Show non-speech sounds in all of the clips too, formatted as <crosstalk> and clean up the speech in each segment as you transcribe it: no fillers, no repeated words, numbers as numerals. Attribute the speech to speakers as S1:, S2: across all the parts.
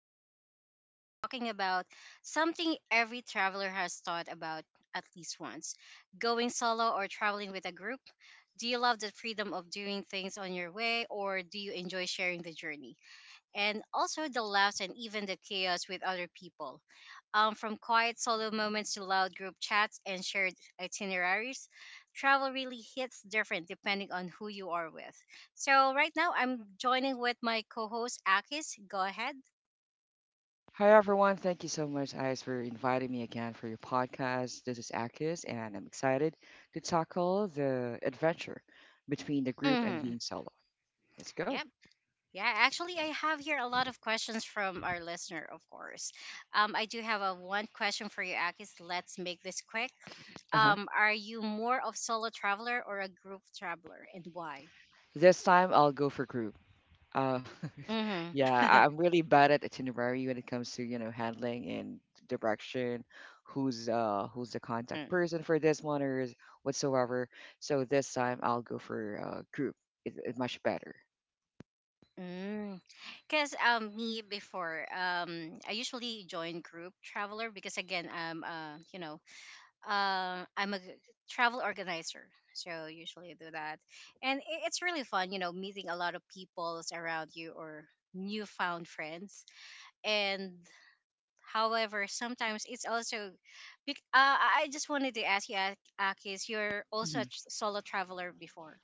S1: host, Ice, and today we're talking about something every traveler has thought about at least once going solo or traveling with a group. Do you love the freedom of doing things on your way, or do you enjoy sharing the journey? And also the laughs and even the chaos with other people. From quiet solo moments to loud group chats and shared itineraries, travel really hits different depending on who you are with. So right now I'm joining with my co-host Akis. Go ahead.
S2: Hi everyone, thank you so much, Ice, for inviting me again for your podcast. This is Akis, and I'm excited to tackle the adventure between the group and
S1: Mm-hmm.
S2: being solo. Let's go.
S1: Yep. Yeah, actually, I have here a lot of questions from our listener, of course. I do have a one question for you, Akis. Let's make this quick.
S2: Uh-huh.
S1: Are you more of solo traveler or a group traveler, and why?
S2: This time I'll go for group. Uh, <laughs> yeah,
S1: Mm-hmm.
S2: I'm really bad at itinerary when it comes to handling and direction, who's the contact
S1: <laughs>
S2: person for this one or whatsoever. So this time I'll go for group. It much better.
S1: Because me before, I usually join group traveler because again, I'm a travel organizer, so usually I do that, and it's really fun, meeting a lot of peoples around you or newfound friends. And however, sometimes it's also, I just wanted to ask you, Akis, you're also a
S2: Mhm.
S1: solo traveler before.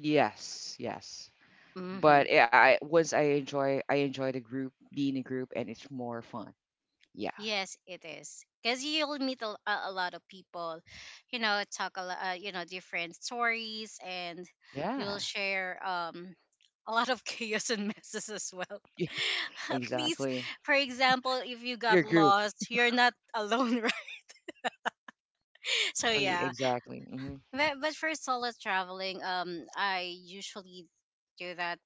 S2: Yes, yes.
S1: Hmm.
S2: But once I enjoy the group, being a group, and it's more fun. Yeah,
S1: Yes, it is. Because you'll meet a lot of people, talk a lot, different stories, and you'll
S2: yeah,
S1: share a lot of <laughs> chaos and messes as well.
S2: <laughs> yeah.
S1: <laughs> At least,
S2: Exactly.
S1: for example, if you
S2: Your
S1: got
S2: group.
S1: lost, you're not alone, <laughs> right? So
S2: Exactly,
S1: yeah,
S2: exactly. Hmm.
S1: but for solo traveling, I usually do that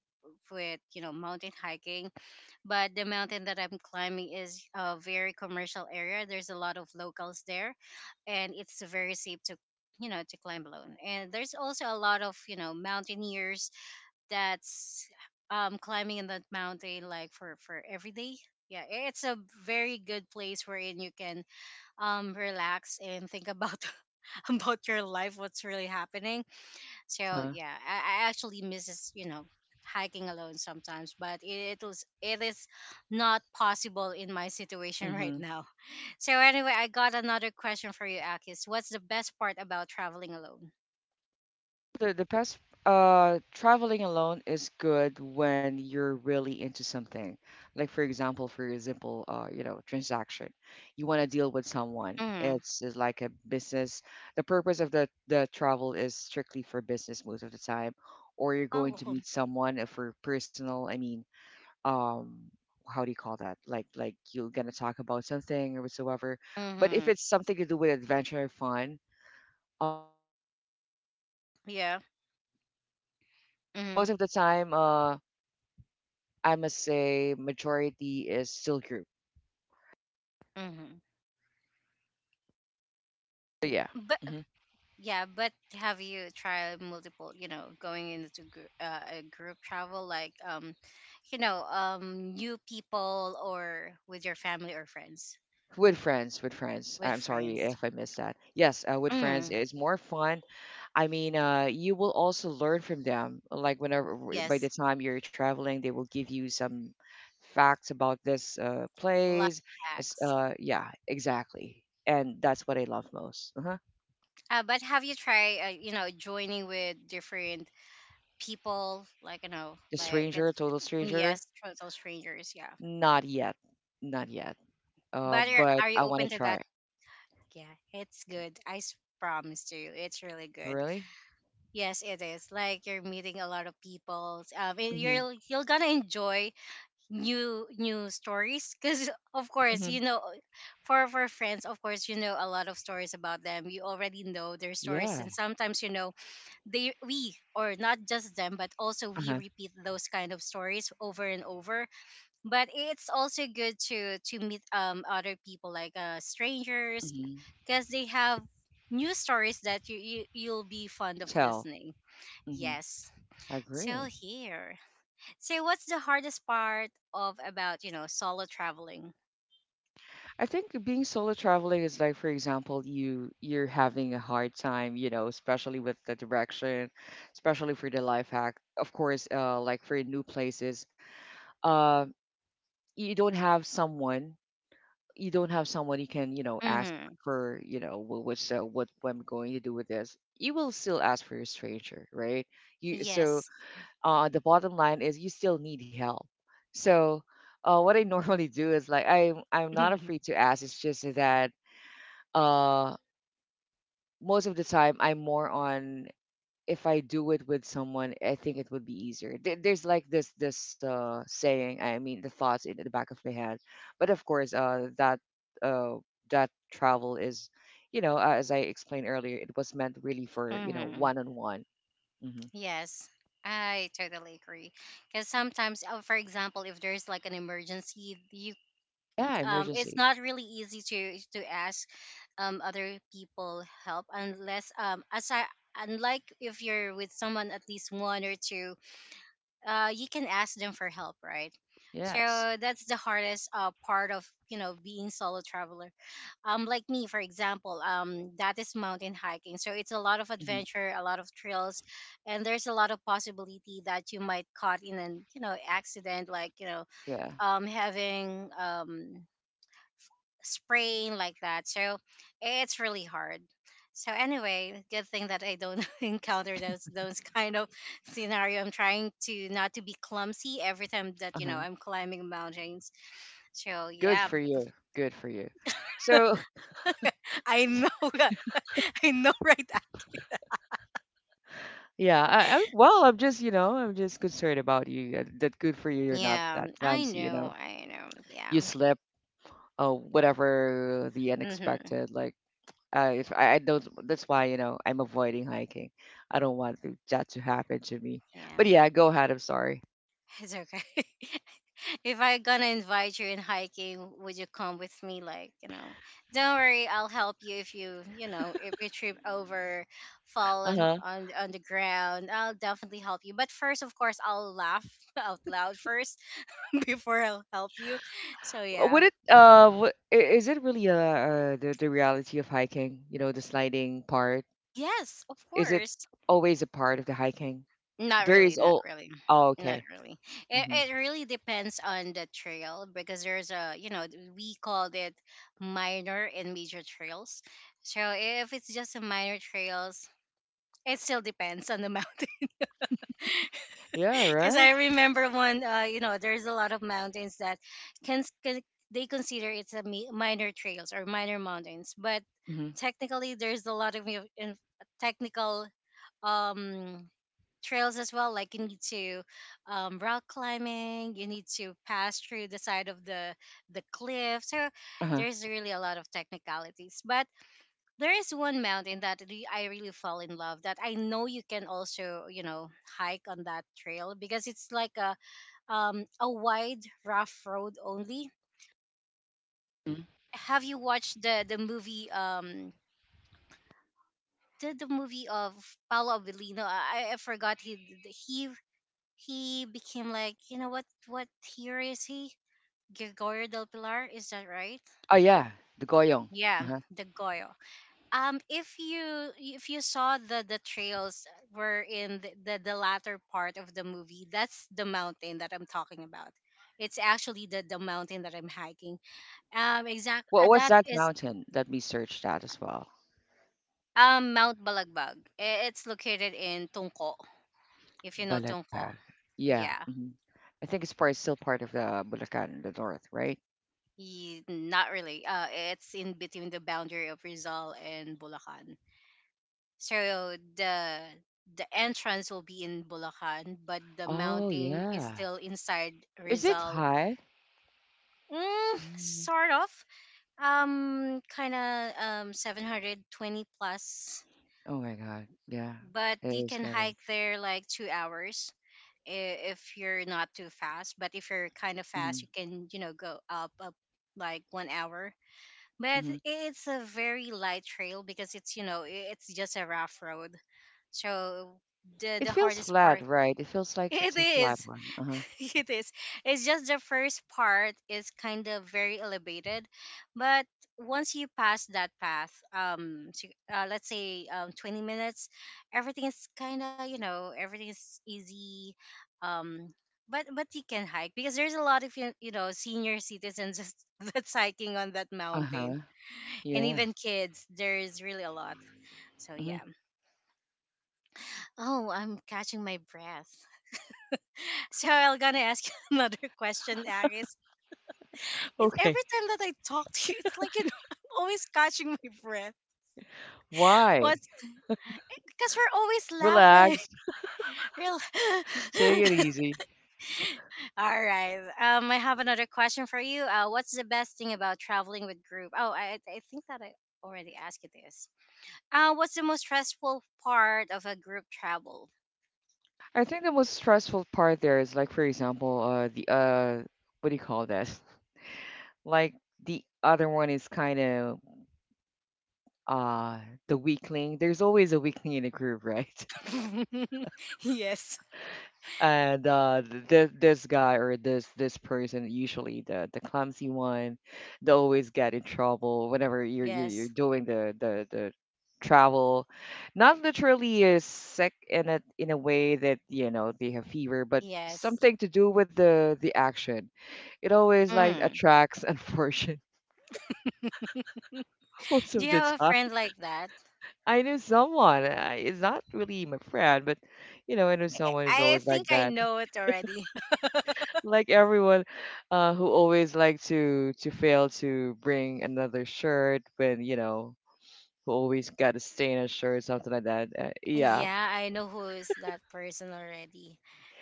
S1: with mountain hiking but the mountain that I'm climbing is a very commercial area. There's a lot of locals there, and it's very safe to you know to climb alone. And there's also a lot of mountaineers that's climbing in that mountain like for every day. Yeah, it's a very good place wherein you can relax and think about <laughs> about your life, what's really happening. So
S2: Huh?
S1: yeah, I actually misses hiking alone sometimes, but it is not possible in my situation right
S2: Hmm.
S1: now. <laughs> So anyway, I got another question for you, Akis. What's the best part about traveling alone?
S2: The best traveling alone is good when you're really into something. Like for example, transaction, you want to deal with someone.
S1: Mm.
S2: It's like a business. The purpose of the travel is strictly for business most of the time, or you're going to
S1: Oh.
S2: meet someone for personal. I mean, um. how do you call that? Like you're gonna talk about something or whatsoever. But if
S1: Mm-hmm.
S2: it's something to do with adventure and fun, I'll go for group,
S1: Yeah.
S2: so it depends on the but
S1: Mm-hmm.
S2: most of the time I must say majority is still group,
S1: Mm-hmm.
S2: so yeah.
S1: But
S2: Hmm.
S1: yeah, but have you tried multiple? You know, going into a group travel like new people or with your family or friends.
S2: With friends,
S1: With
S2: I'm sorry
S1: friends.
S2: if I missed that. Yes, with friends
S1: Mm,
S2: it's more fun. I mean, you will also learn from them. Like whenever by the
S1: yes,
S2: time you're traveling they will give you some facts about this
S1: life
S2: place. It's,
S1: hacks.
S2: yeah, exactly, and that's what I love most. Uh-huh.
S1: But have you tried, joining with different people, like
S2: The
S1: like
S2: stranger,
S1: it's,
S2: total
S1: mm,
S2: stranger.
S1: yes, total strangers, yeah.
S2: Not yet. Not yet.
S1: But are,
S2: But
S1: are you
S2: I want to
S1: open to
S2: try
S1: that?
S2: it.
S1: Yeah, it's good. I promise to you, it's really good.
S2: Really?
S1: Yes, it is. Like you're meeting a lot of people. And
S2: Mm-hmm.
S1: you're gonna enjoy new stories because of course
S2: Mm-hmm.
S1: for friends of course a lot of stories about them you already know their stories
S2: Yeah.
S1: and sometimes they we or not just them but also we
S2: Uh-huh.
S1: repeat those kind of stories over and over but it's also good to meet other people like strangers
S2: Mm-hmm.
S1: because they have new stories that you'll be fond of
S2: Tell.
S1: listening.
S2: Mm-hmm.
S1: Yes.
S2: I
S1: So
S2: agree.
S1: here, so what's the hardest part of about, solo traveling?
S2: I think being solo traveling is like, for example, you're having a hard time, you know, especially with the direction, especially for the life hack. Of course, like for new places, uh, you don't have someone, you don't have someone you can, you know, ask
S1: Mhm.
S2: for, you know, what I'm going to do with this. You will still ask for a stranger, right? You so
S1: Yes.
S2: the bottom line is you still need help. So what I <laughs> normally do is like I'm not afraid
S1: <laughs>
S2: to ask. It's just that uh, most of the time I'm more on, if I do it with someone, I think it would be easier. There's like this saying. I mean, the thoughts in the back of my head, but of course, uh, that travel is, you know, as I explained earlier, it was meant really for
S1: Mm-hmm.
S2: one on one.
S1: Yes, I totally agree. Because sometimes, for example, if there's like an emergency, you
S2: Yeah,
S1: it's
S2: emergency.
S1: not really easy to ask other people help unless as I unlike if you're with someone at least one or two, you can ask them for help, right?
S2: Yes.
S1: So that's the hardest part of being solo traveler like me for example that is mountain hiking, so it's a lot of
S2: Hmm.
S1: adventure, a lot of trails, and there's a lot of possibility that you might caught in an accident, like
S2: Yeah.
S1: having sprain like that. So it's really hard. So anyway, good thing that I don't <laughs> encounter those kind of scenario. I'm trying to not to be clumsy every time that
S2: Uh-huh.
S1: I'm climbing mountains, so
S2: Good
S1: yeah,
S2: for you. Good for you. So <laughs>
S1: I know <laughs> that I know, right?
S2: yeah, I well, I'm just concerned about you. That good for you. You're not that
S1: Yeah, I
S2: clumsy. You know,
S1: know, I know.
S2: you
S1: Yeah.
S2: slip. Oh whatever the
S1: Mhm.
S2: unexpected. Like if I don't. That's why I'm avoiding hiking. I don't want to, that to happen to me. But
S1: Yeah.
S2: yeah, go ahead. I'm sorry.
S1: <laughs> It's okay. <laughs> If I gonna invite you in hiking, would you come with me? Like, don't worry, I'll help you if you trip over, fall
S2: Uh
S1: on
S2: huh.
S1: on, on the ground, I'll definitely help you. But first, of course, I'll laugh <laughs> out loud first <laughs> before I'll help you. So
S2: Would
S1: yeah.
S2: it uh? What, is it really the reality of hiking? You know, the sliding part.
S1: Yes, of
S2: Is it
S1: course.
S2: always a part of the hiking?
S1: Not
S2: There
S1: really,
S2: is
S1: not
S2: all.
S1: really,
S2: Oh,
S1: not
S2: okay.
S1: really. It,
S2: Hmm.
S1: it really depends on the trail because there's we called it minor and major trails. So if it's just a minor trails, it still depends on the mountain. <laughs>
S2: Yeah,
S1: Because I
S2: right?
S1: remember one, there's a lot of mountains that can they consider it's a minor trails or minor mountains, but
S2: Hmm.
S1: technically there's a lot of technical um trails as well. Like you need to rock climbing, you need to pass through the side of the cliff. So
S2: Uh-huh.
S1: there's really a lot of technicalities. But there is one mountain that I really fall in love. That I know you can also hike on that trail because it's like a wide rough road only.
S2: Mhm.
S1: Have you watched the movie? The movie of Paolo Avellino. I forgot he he he became like, what year is he? Gregorio del Pilar, is that right?
S2: Oh, yeah, the Goyong.
S1: Yeah,
S2: Uh-huh.
S1: the Goyo. If you saw the trails were in the latter part of the movie, that's the mountain that I'm talking about. It's actually the mountain that I'm hiking. Exact
S2: What was
S1: that
S2: that
S1: is
S2: mountain? Let me search that as well.
S1: Mount Balagbag. It's located in Tungko. If you know Tungko,
S2: Balakpak. Yeah.
S1: yeah.
S2: Hmm. I think it's still part of the Bulacan, the north, right?
S1: Not really. It's in between the boundary of Rizal and Bulacan. So the entrance will be in Bulacan, but the
S2: Oh,
S1: mountain is
S2: yeah.
S1: still inside
S2: Is it
S1: Rizal.
S2: high?
S1: Mm,
S2: Mm.
S1: sort of. Kind of 720 plus,
S2: Oh my God. Yeah.
S1: but
S2: It
S1: you
S2: is
S1: can
S2: kind of.
S1: hike there like 2 hours if you're not too fast. But if you're kind of fast,
S2: Hmm.
S1: you can go up like 1 hour, but
S2: Hmm.
S1: it's a very light trail because it's you know I- it's just a rough road. So the
S2: It
S1: the
S2: feels
S1: hardest
S2: flat,
S1: part
S2: right? It feels
S1: <laughs>
S2: like
S1: it
S2: it's a flat
S1: is
S2: one. Uh-huh.
S1: <laughs> it is it's just the first part is kind of very elevated, but once you pass that path to, let's say 20 minutes, everything is kind of everything is easy, um but you can hike because there's a lot of senior citizens <laughs> just that's hiking on that
S2: Uh-huh.
S1: mountain, and
S2: Yeah.
S1: even kids, there's really a lot. So yeah. Oh, I'm catching my breath. <laughs> So I'm gonna ask you <laughs> another question, Aris. It's
S2: Okay.
S1: every time that I talk to you it's like <laughs> I'm always catching my breath.
S2: Why?
S1: What's Because we're always laughing.
S2: Relax.
S1: <laughs> Real.
S2: Take it easy.
S1: <laughs> All right, I have another question for you. What's the best thing about traveling with group? Oh, I think that I already asked you this. What's the most stressful part of a group travel?
S2: I think the most stressful part there is like, for example, the what do you call this? Like the other one is kind of uh the weakling. There's always a weakling in a group, <laughs> right?
S1: <laughs> Yes.
S2: And this guy or this person, usually the clumsy one, they always get in trouble whenever you're
S1: Yes.
S2: doing the travel. Not literally is sick in it in a way that they have fever, but
S1: Yes.
S2: something to do with the action. It always like
S1: Mm.
S2: attracts unfortunate <laughs> most
S1: <laughs> Do
S2: of
S1: you
S2: the
S1: have a
S2: time.
S1: friend like that?
S2: I knew someone. It's not really my friend, but I knew someone who's
S1: I
S2: always like
S1: think I
S2: that.
S1: know it already. <laughs>
S2: Like everyone, who always like to fail to bring another shirt, when you know, who always got a stain on shirt, something like that. Yeah,
S1: Yeah, I know who is that person already.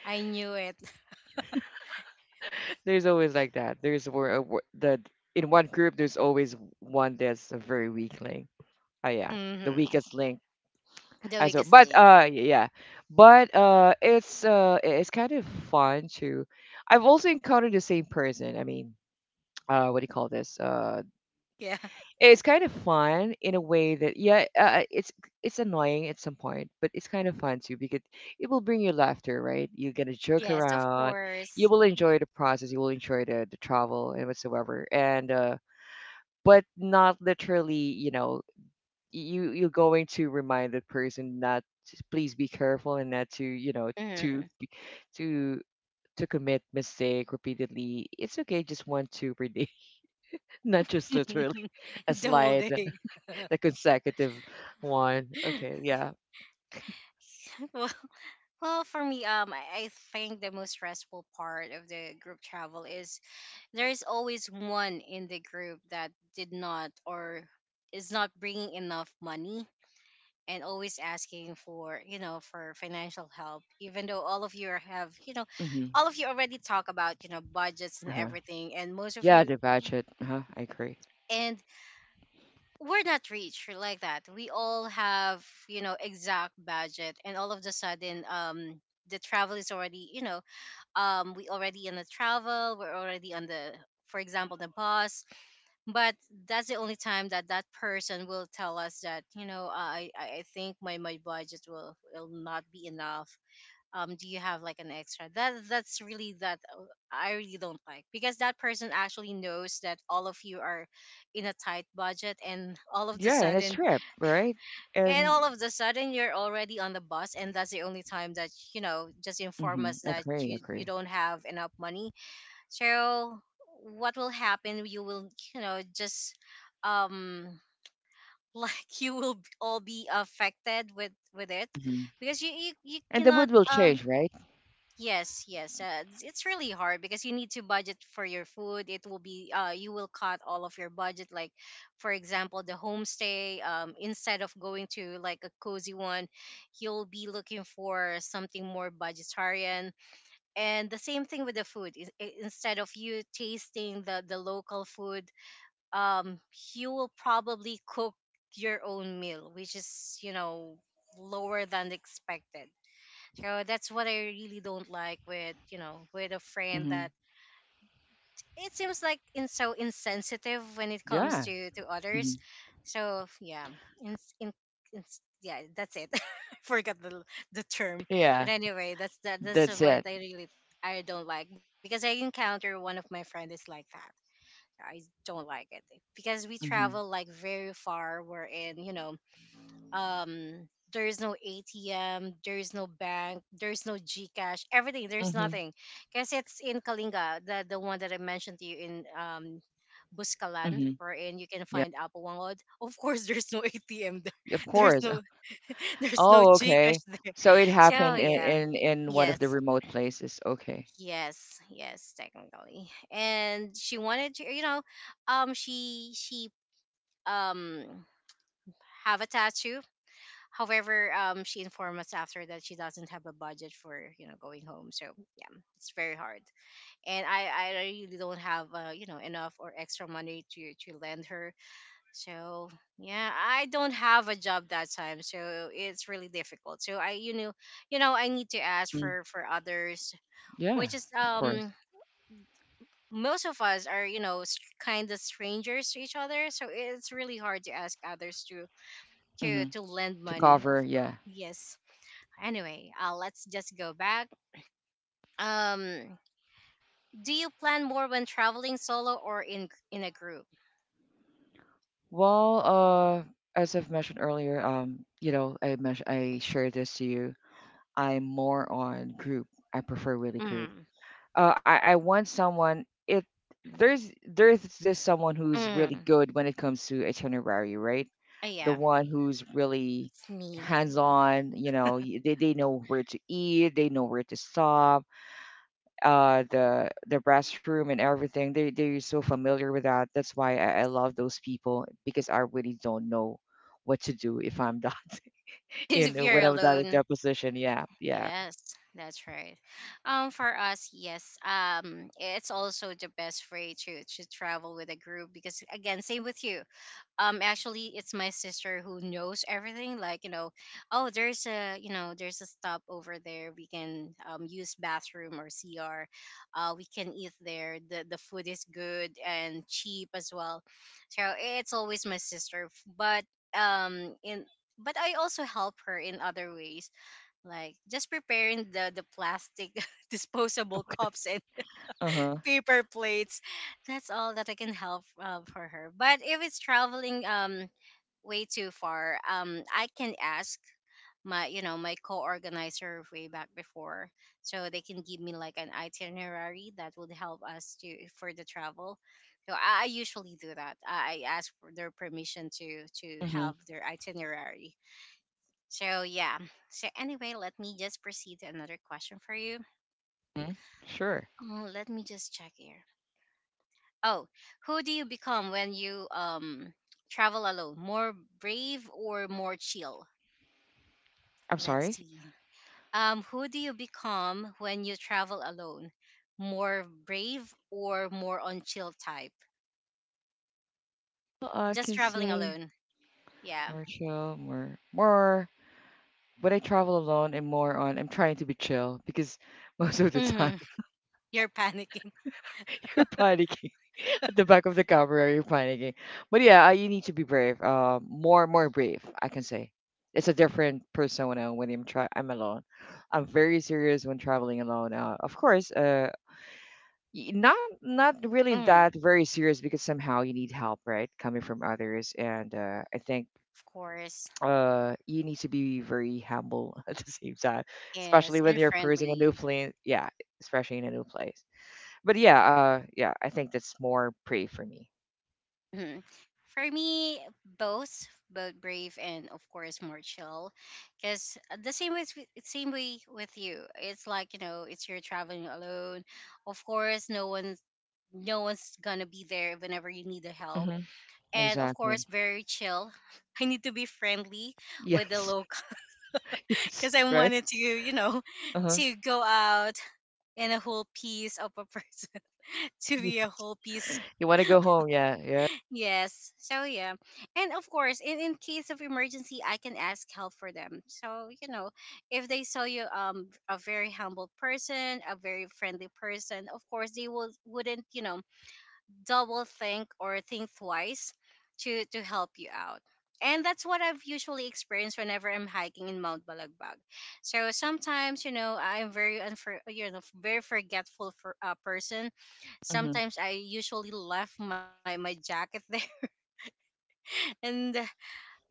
S1: I knew it. <laughs>
S2: there's always like that. There's where wh- the In one group there's always one that's a very weak link. Oh yeah, the
S1: Hmm.
S2: weakest link
S1: The
S2: as well.
S1: weakest
S2: But
S1: link.
S2: yeah, but it's kind of fun to, I've also encountered the same person. I mean, <tsk> what do you call this.
S1: Yeah.
S2: It's kind of fun in a way that yeah, it's annoying at some point, but it's kind of fun too because it will bring you laughter, right? You're gonna joke
S1: Yes, of
S2: around, you
S1: course.
S2: will enjoy the process, you will enjoy the travel and whatsoever, and but not literally, you know, you're going to remind the person, not to- please be careful, and not to you know to
S1: Hmm.
S2: to to commit mistake repeatedly. It's okay, just 1 2 per day, <laughs> not just literally
S1: <laughs>
S2: a
S1: The whole
S2: slide.
S1: day.
S2: The
S1: <laughs>
S2: consecutive one. Okay, yeah.
S1: <laughs> well, well, for me, I think the most stressful part of the group travel is there's always one in the group that did not or is not bringing enough money and always asking for for financial help even though all of you are- have
S2: Hmm.
S1: all of you already talk about budgets and
S2: Uh-huh.
S1: everything, and most of
S2: Yeah,
S1: you
S2: the budget. Uh-huh. I agree.
S1: and we're not rich like that. We all have exact budget, and all of the sudden the travel is already we already in the travel, we're already on the, for example, the bus, but that's the only time that that person will tell us that I think my budget will not be enough. Do you have like an extra? That's really that I really don't like, because that person actually knows that all of you are in a tight budget, and <laughs> all of the
S2: Yeah, and it's
S1: sudden,
S2: trip, right?
S1: and
S2: And
S1: all of the sudden you're already on the bus, and that's the only time that just inform
S2: mm-hmm.
S1: us that
S2: Agree,
S1: you
S2: agree.
S1: don't have enough money. So what will happen? You will, you know, just um <laughs> like you will all be affected with it,
S2: Hmm.
S1: because you
S2: And the
S1: cannot
S2: mood will change, right?
S1: yes, yes, it's really hard because you need to budget for your food. It will be you will cut all of your budget, like, for example, the homestay. Instead of going to like a cozy one, you'll be looking for something more budgetarian. And the same thing with the food instead of you tasting the local food, um you will probably cook your own meal, which is, you know, lower than expected. So that's what I really don't like, with with a friend
S2: Hmm.
S1: that it seems like in so insensitive when it comes
S2: Yeah.
S1: to
S2: Hmm.
S1: others. So yeah. in, in, in Yeah, that's it. <laughs> I forgot the the term, but
S2: Yeah.
S1: anyway, that's that's
S2: That's
S1: what
S2: it.
S1: I really, I don't like, because I encounter one of my friends is like that. I don't like it because we
S2: Mm-hmm.
S1: travel like very far. We're in, you know, there's no ATM, there's no bank, there's no GCash, everything, there's
S2: Hmm.
S1: nothing, because it's in Kalinga, the one that I mentioned to you in
S2: Hmm.
S1: Buscalan,
S2: Hmm.
S1: wherein you can
S2: Yeah,
S1: find Apple Wangod. <laughs> Of course, there's no ATM there.
S2: of
S1: <laughs> There's
S2: course.
S1: no,
S2: <laughs>
S1: <laughs> there's no
S2: Oh, okay.
S1: GCash there.
S2: So it
S1: So
S2: happened in
S1: yeah,
S2: in, in one of
S1: yes,
S2: the remote places. Okay.
S1: yes, yes, technically. And she wanted to, you know, she um have a tattoo. However, she informed us after that she doesn't have a budget for, you know, going home. So yeah, it's very hard. And I really don't have you know, enough or extra money to lend her. So yeah, I don't have a job that time, so it's really difficult. So I, you know, I need to ask
S2: Mm.
S1: for others,
S2: Yeah,
S1: which is,
S2: of course.
S1: um, most of us are, you know, kind of strangers to each other, so it's really hard to ask others to
S2: Hmm.
S1: to lend
S2: To
S1: money. Of,
S2: cover, yeah.
S1: yes. Anyway, let's just go back. Um, do you plan more when traveling solo or in a group?
S2: Well, as I've mentioned earlier, I mentioned I shared this to you. I'm more on group. I prefer really group.
S1: Mm,
S2: I want someone. It there's just someone who's really
S1: mm,
S2: good when it comes to itinerary, right? The
S1: yeah,
S2: one who's really
S1: it's me.
S2: hands on. You know, they know where to eat. They know where to stop the restroom and everything. They're so familiar with that, that's why I love those people because I really don't know what to do if I'm not
S1: <laughs>
S2: <laughs> in
S1: If you're
S2: when I'm not in
S1: alone.
S2: their position, yeah, yeah.
S1: Yes, that's right. For us, yes, it's also the best way to travel with a group, because again, same with you. Actually, it's my sister who knows everything. Like, you know, oh, there's a, you know, there's a stop over there. We can use bathroom or CR. We can eat there. The food is good and cheap as well. So it's always my sister, but in. But I also help her in other ways, like just preparing the plastic <laughs> disposable cups and
S2: Uh-huh.
S1: <laughs> paper plates. That's all that I can help for her. But if it's traveling way too far, I can ask my, you know, my co-organizer way back before, so they can give me like an itinerary that would help us to for the travel. So I usually do that. I ask for their permission to
S2: Mm-hmm.
S1: have their itinerary. So yeah. So anyway, let me just proceed to another question for you.
S2: Hmm. Sure.
S1: Oh, let me just check here. Oh, who do you become when you travel alone? More brave or more chill?
S2: I'm
S1: Let's
S2: sorry.
S1: see. Who do you become when you travel alone? More brave or more on chill type?
S2: Well, I
S1: Just
S2: can
S1: traveling
S2: say
S1: alone. Yeah.
S2: more chill, more more when I travel alone, and more on I'm trying to be chill because <laughs> most of the time
S1: Mm-hmm. <laughs> You're panicking.
S2: <laughs> you're panicking. At the back of the camera, you're panicking. But yeah, you need to be brave. More, more brave, I can say. It's a different persona when I'm alone. I'm very serious when traveling alone. Of course, not really
S1: Mm,
S2: that very serious because somehow you need help, right? Coming from others, and I think
S1: of course.
S2: you need to be very humble <laughs> at the same time,
S1: Yes,
S2: especially when
S1: and
S2: you're cruising a
S1: friendly.
S2: new place. Yeah, especially in a new place. But yeah, yeah, I think that's more brave for me.
S1: Mhm. For me, both, both brave and of course more chill, because the same way, same way with you. It's like, you know, it's you're traveling alone. Of course, no one's gonna be there whenever you need the help,
S2: Mm-hmm.
S1: and of course,
S2: Exactly.
S1: very chill. <laughs> I need to be friendly with the
S2: Yes. <laughs>
S1: local. <laughs> Because
S2: Yes.
S1: I
S2: Right?
S1: wanted to, you know, <laughs>
S2: Uh-huh.
S1: to go out in a whole piece of a person, <laughs> to
S2: Yeah.
S1: be a whole piece.
S2: You want to go home. Yeah. Yeah.
S1: Yes. So yeah. And of course, in case of emergency, I can ask help for them. So, you know, if they saw you, um, a very humble person, a very friendly person, of course, they will wouldn't, you know, double think or think twice to help you out. And that's what I've usually experienced whenever I'm hiking in Mount Balagbag. So sometimes, you know, I'm very you know, very forgetful for a person.
S2: Mm-hmm.
S1: Sometimes I usually left my jacket <laughs> there, and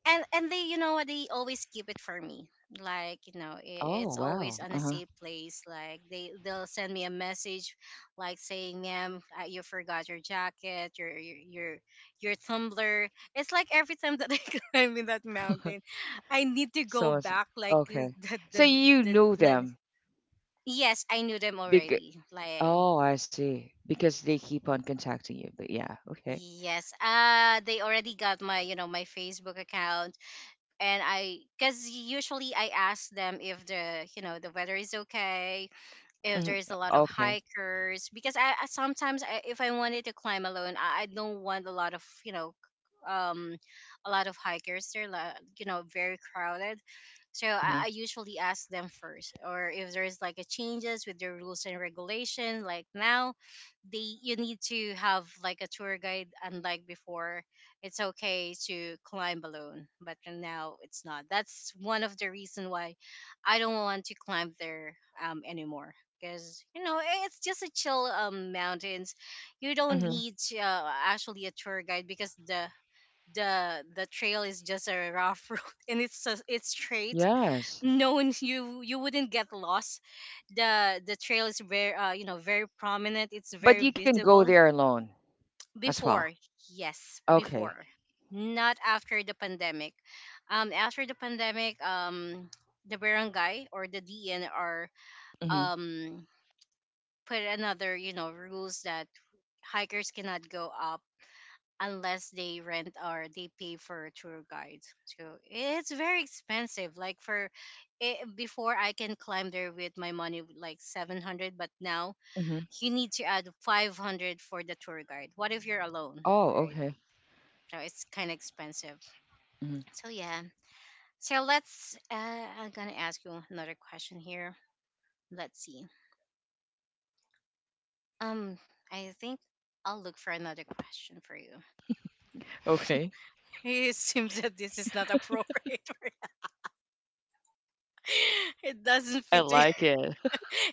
S1: and they, you know what, they always keep it for me, like, you know,
S2: Oh,
S1: it's
S2: wow.
S1: always on a
S2: Uh-huh.
S1: safe place. Like, they'll send me a message like saying ma'am, you forgot your jacket, your your tumbler. It's like every time that <laughs> I climb in that mountain, I need to go
S2: So it's
S1: back, like <laughs> the,
S2: okay.
S1: the,
S2: So you
S1: the,
S2: know
S1: the
S2: them
S1: yes, I knew them
S2: because
S1: already, like,
S2: oh, I see. Because they keep on contacting you. But yeah, okay.
S1: yes. Uh, they already got my, you know, my Facebook account, and I, because usually I ask them if the, you know, the weather is okay, if
S2: Hmm.
S1: there's a lot of
S2: Okay.
S1: hikers, because I sometimes if I wanted to climb alone, I don't want a lot of, you know, um a lot of hikers. They're you know, very crowded. So I
S2: Hmm.
S1: usually ask them first, or if there's like a changes with the rules and regulation, like, now they, you need to have like a tour guide, unlike before. It's okay to climb alone, but now it's not. That's one of the reason why I don't want to climb there, anymore, because, you know, it's just a chill mountains. You don't
S2: Hmm.
S1: need, actually, a tour guide, because the the trail is just a rough <laughs> road, and it's a, it's straight.
S2: Yes.
S1: No one, you wouldn't get lost. The trail is very, you know, very prominent. It's very
S2: But you can go
S1: visible
S2: there alone as
S1: before,
S2: well.
S1: yes,
S2: Okay.
S1: before, not after the pandemic. After the pandemic, the barangay or the DNR,
S2: Hmm.
S1: um, put another, you know, rules that hikers cannot go up unless they rent or they pay for tour guides. So it's very expensive. Like for it, before I can climb there with my money with like 700, but now
S2: Hmm.
S1: you need to add 500 for the tour guide. What if you're alone,
S2: Oh,
S1: right?
S2: okay.
S1: So it's kind of expensive.
S2: Hmm.
S1: So yeah. So let's, I'm going to ask you another question here. Let's see. Um, I think I'll look for another question for you.
S2: Okay.
S1: It seems that this is not appropriate. For <laughs> it doesn't
S2: I
S1: fit. To you.
S2: like it.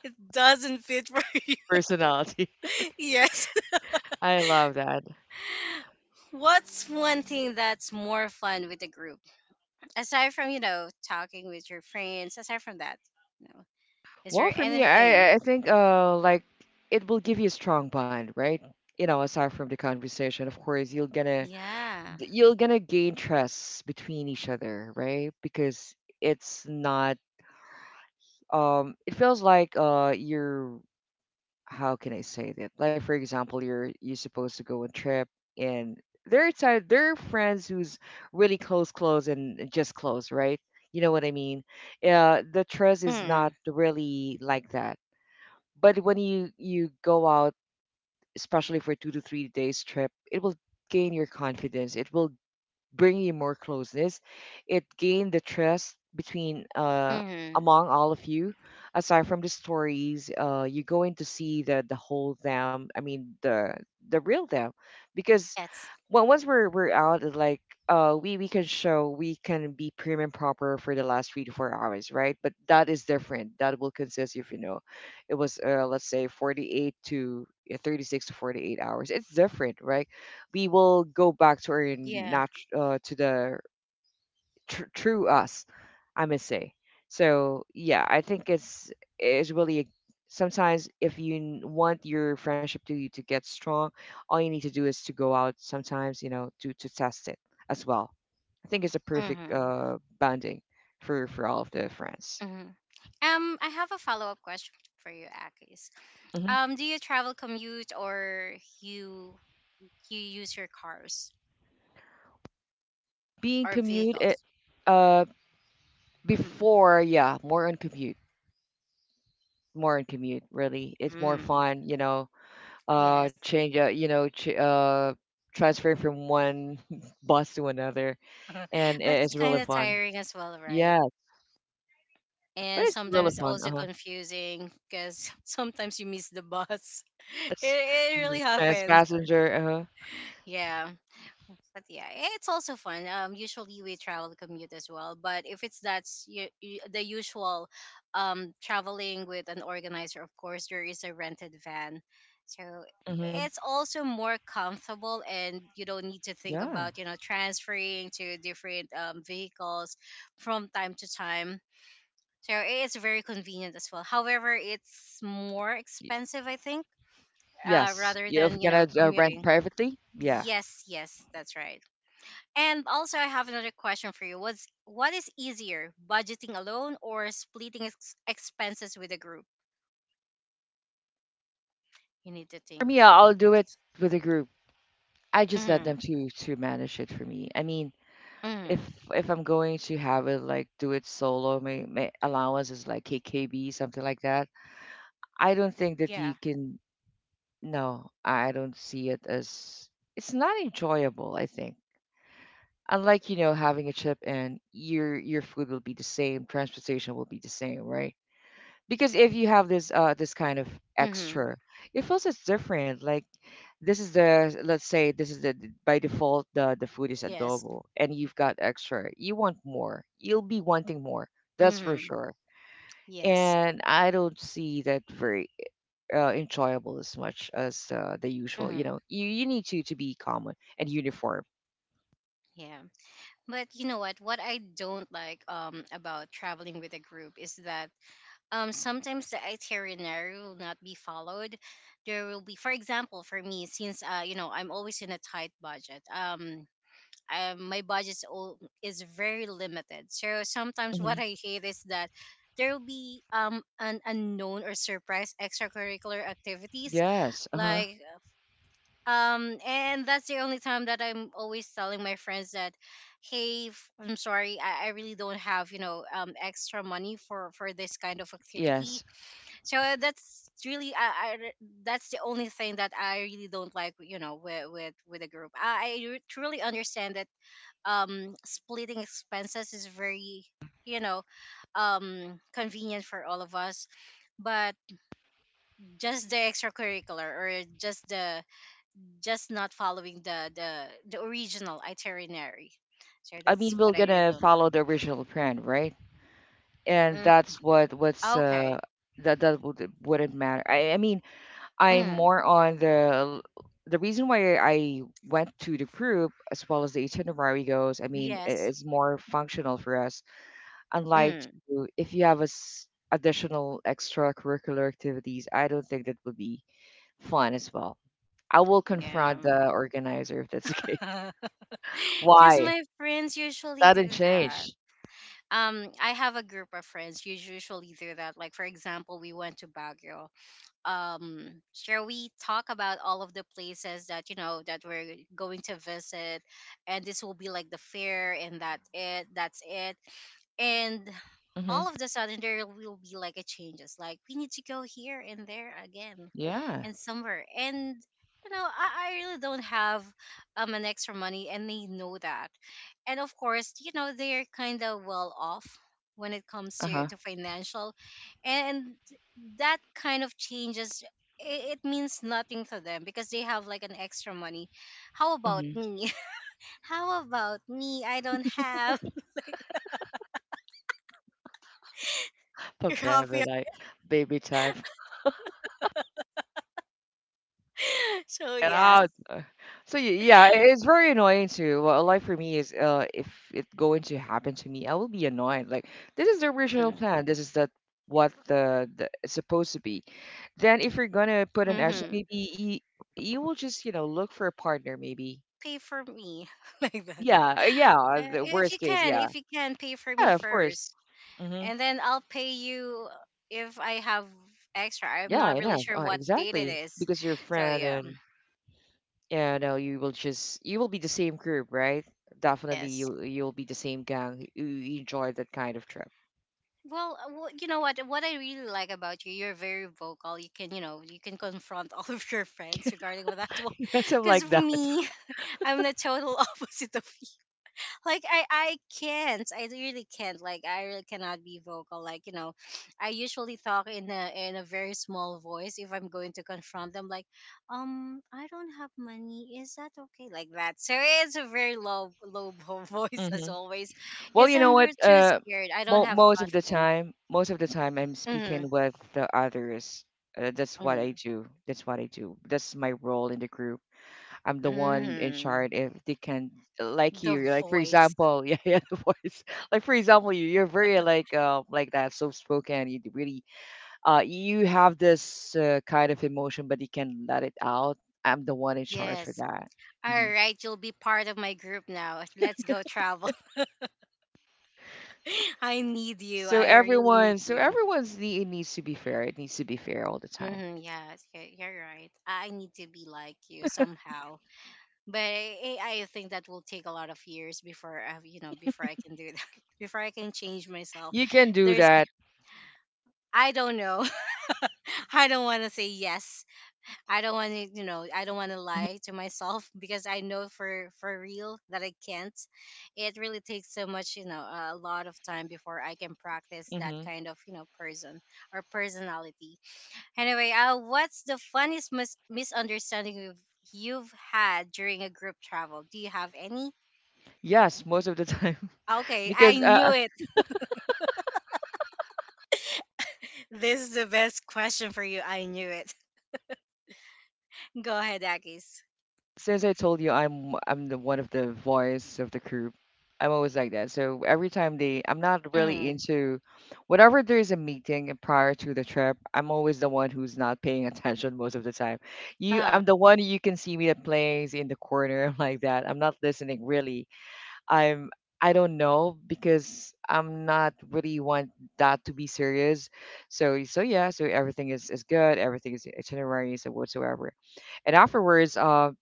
S1: It doesn't fit for you.
S2: <laughs>
S1: <laughs>
S2: Personality.
S1: Yes.
S2: I love that.
S1: What's one thing that's more fun with the group, aside from, you know, talking with your friends? Aside from that, you know, is
S2: Well,
S1: there
S2: for me,
S1: anything?
S2: I think like it will give you a strong bond, right? You know, aside from the conversation, of course, you're gonna
S1: Yeah.
S2: you're gonna gain trust between each other, right? Because it's not, it feels like you're how can I say that? Like for example, you're supposed to go on trip, and there are friends who's really close, close, and just close, right? You know what I mean? The trust is not
S1: Mm.
S2: really like that, but when you go out, especially for 2 to 3 days trip, it will gain your confidence. It will bring you more closeness. It gained the trust between
S1: Hmm.
S2: among all of you. Aside from the stories, you're going to see the whole them. I mean the real them, because
S1: Yes.
S2: well, once we're out, it's like we can show we can be prim and proper for the last 3 to 4 hours, right? But that is different. That will consist if it was let's say 48 to 36 to 48 hours. It's different, right? We will go back to our
S1: Yeah.
S2: to the true us, I must say. So I think it's really a, sometimes if you want your friendship to get strong, all you need to do is to go out sometimes, you know, to test it as well. I think it's a perfect
S1: Hmm.
S2: bonding for all of the friends.
S1: Hmm. I have a follow up question for you, Akis.
S2: Hmm.
S1: Do you travel commute or you you use your cars?
S2: Being
S1: Or
S2: commute it.
S1: vehicles.
S2: uh
S1: Hmm.
S2: Before, yeah, more on commute. More on commute, really, it's more
S1: Mm,
S2: fun, you know.
S1: yes.
S2: Change you know ch- Transferring from one <laughs> bus to another, and
S1: <laughs> But it's
S2: it's
S1: kind
S2: really
S1: of
S2: fun.
S1: tiring as well, right?
S2: Yeah, but
S1: And
S2: it's really
S1: sometimes
S2: fun.
S1: also
S2: Uh-huh.
S1: confusing, because <laughs> sometimes you miss the bus. <laughs>
S2: It's
S1: It really
S2: trans
S1: happens.
S2: passenger.
S1: Yeah. But yeah, eh, it's also fun. Usually we travel commute as well. But if it's that's you, the usual, traveling with an organizer, of course there is a rented van, so
S2: Uh-huh. Hmm.
S1: it's also more comfortable and you don't need to think
S2: Yeah.
S1: about, you know, transferring to different, vehicles from time to time. So it's very convenient as well. However, it's more
S2: Y-
S1: expensive, I think,
S2: yes,
S1: rather
S2: you know, if
S1: than, you
S2: you're
S1: know,
S2: gonna rent
S1: commuting.
S2: privately, yeah.
S1: Yes, yes, that's right. And also, I have another question for you. What's what is easier, budgeting alone or splitting expenses with a group? You need to
S2: For
S1: think.
S2: me, I'll
S1: For
S2: I'll do it
S1: this.
S2: with a group. I just let them
S1: Mhm.
S2: to manage it for me, I mean. if
S1: Mhm.
S2: if I'm going to have it like do it solo, my allowance is like KKB, something like that. I don't think that
S1: Yeah.
S2: you can. No, I don't see it as, it's not enjoyable, I think. Unlike, you know, having a chip and your food will be the same, transportation will be the same, right? Because if you have this kind of
S1: Mhm.
S2: extra, it feels it's different. Like, this is the, let's say this is the, by default the food is
S1: Yes.
S2: adobo and you've got extra. You want more. You'll be wanting more. That's for
S1: Mhm.
S2: sure.
S1: Yes.
S2: And I don't see that very enjoyable as much as the usual. You
S1: Mhm.
S2: know, you need to be common and uniform.
S1: Yeah. But you know what? What I don't like about traveling with a group is that sometimes the itinerary will not be followed. There will be, for example, for me, since, uh, you know, I'm always in a tight budget. My budget is very limited. So sometimes
S2: Hmm.
S1: what I hate is that there will be, um, an unknown or surprise extracurricular activities,
S2: Yes. Uh huh.
S1: like, um, and that's the only time that I'm always telling my friends that, hey, I'm sorry, I really don't have, you know, um, extra money for this kind of activity.
S2: Yes.
S1: So that's really that's the only thing that I really don't like, you know, with with a group. I truly understand that splitting expenses is very, you know convenient for all of us, but just the extracurricular or just not following the original itinerary. So
S2: I
S1: that's
S2: mean, we're
S1: what I really
S2: gonna <laughs>
S1: don't.
S2: follow the original plan, right? And
S1: Mm,
S2: that's what what's
S1: okay.
S2: that would wouldn't matter. I mean, I'm
S1: Mm,
S2: more on the reason why I went to the group as well as the itinerary goes. I mean,
S1: yes.
S2: it's more functional for us. Unlike
S1: Mm,
S2: if you have a additional extracurricular activities, I don't think that would be fun as well. I will confront
S1: yeah.
S2: the organizer if that's the case.
S1: <laughs>
S2: <laughs>
S1: Because
S2: Why?
S1: my friends usually
S2: Sudden
S1: do that.
S2: change.
S1: I have a group of friends who usually do that, like for example, we went to Baguio. Shall we talk about all of the places that, you know, that we're going to visit, and this will be like the fair and that it that's it. And
S2: Hmm.
S1: all of the sudden there will be like a changes, like we need to go here and there again
S2: Yeah.
S1: and somewhere. And, you know, I really don't have an extra money, and they know that. And of course, you know, they're kind of well off when it comes
S2: Uh-huh.
S1: to financial. And that kind of changes, it means nothing to them because they have like an extra money. How about
S2: Hmm.
S1: me? <laughs> How about me? I don't have. <laughs> Your coffee.
S2: Papaver, like baby time.
S1: <laughs> So
S2: Get
S1: yes.
S2: out. So yeah, it's very annoying too. Well, like for me is if it going to happen to me, I will be annoyed. Like, this is the original
S1: Mm,
S2: plan. This is the what the it's supposed to be. Then if you're gonna put an action,
S1: mm-hmm.
S2: maybe you will just, you know, look for a partner maybe.
S1: Pay for me <laughs> like that.
S2: Yeah, yeah, the worst case, yeah.
S1: If you can pay for me
S2: Yeah, of course.
S1: first,
S2: Hmm.
S1: and then I'll pay you if I have extra. I'm
S2: Yeah,
S1: not really
S2: enough.
S1: sure what date it
S2: Exactly.
S1: is.
S2: Because your
S1: So
S2: friend
S1: yeah,
S2: and yeah, no, you will just, you will be the same group, right? Definitely
S1: yes.
S2: you'll be the same gang. You enjoy that kind of trip.
S1: Well, you know what? What I really like about you, you're very vocal. You can, you know, you can confront <laughs> all of your friends regarding with that
S2: <laughs>
S1: one.
S2: Yeah,
S1: <laughs>
S2: something
S1: Because
S2: like that.
S1: me, I'm the total <laughs> opposite of, like, I can't. I really can't. Like, I really cannot be vocal. Like, you know, <sniffs> I usually talk in a very small voice if I'm going to confront them. Like, I don't have money. Is that okay? Like that. So it's a very low <laughs> voice
S2: Hmm.
S1: as always,
S2: Well,
S1: because
S2: you know
S1: I'm
S2: what?
S1: really too scared. I don't
S2: Mo
S1: have a
S2: most of the
S1: confidence.
S2: time, most of the time, I'm
S1: Hmm.
S2: speaking with the others. That's what I
S1: Hmm.
S2: do. That's what I do. That's my role in the group. I'm the one in
S1: Hmm.
S2: charge if they can, like
S1: The
S2: you. Like for
S1: voice.
S2: example, <laughs> yeah, yeah, the voice. Like for example, you're very like that soft spoken. You really you have this kind of emotion, but you can let it out. I'm the one in charge for
S1: Yes.
S2: that.
S1: All
S2: Hmm.
S1: right, you'll be part of my group now. Let's go travel. <laughs> I need you.
S2: So
S1: I really need
S2: everyone, so
S1: you.
S2: everyone's need, it needs to be fair. It needs to be fair all the time.
S1: Mm-hmm, yes, you're right. I need to be like you somehow, but I think that will take a lot of years before I, you know, before I can do that, <laughs> before I can change myself.
S2: You can do
S1: There's,
S2: that.
S1: I don't know. <laughs> I don't want to say yes. I don't want to, you know, I don't want to lie to myself <laughs> because I know for real that I can't. It really takes so much, you know, a lot of time before I can practice that
S2: Mhm.
S1: kind of, you know, person or personality. Anyway, what's the funniest misunderstanding you've had during a group travel? Do you have any?
S2: Yes, most of the time. <laughs>
S1: Okay, I
S2: Because
S1: knew it. This is the best question for you. I knew it. <laughs> Go ahead, Akis.
S2: since I told you I'm the one of the voice of the group, I'm always like that. So every time I'm not really
S1: Mm-hmm.
S2: into whatever there is a meeting prior to the trip. I'm always the one who's not paying <laughs> attention most of the time. You,
S1: Uh,
S2: I'm the one you can see me that plays in the corner <laughs> like that. I'm not listening really. I'm I don't know because I'm not really want that to be serious. So so yeah, so everything is good. Everything is itineraries and whatsoever. And afterwards, um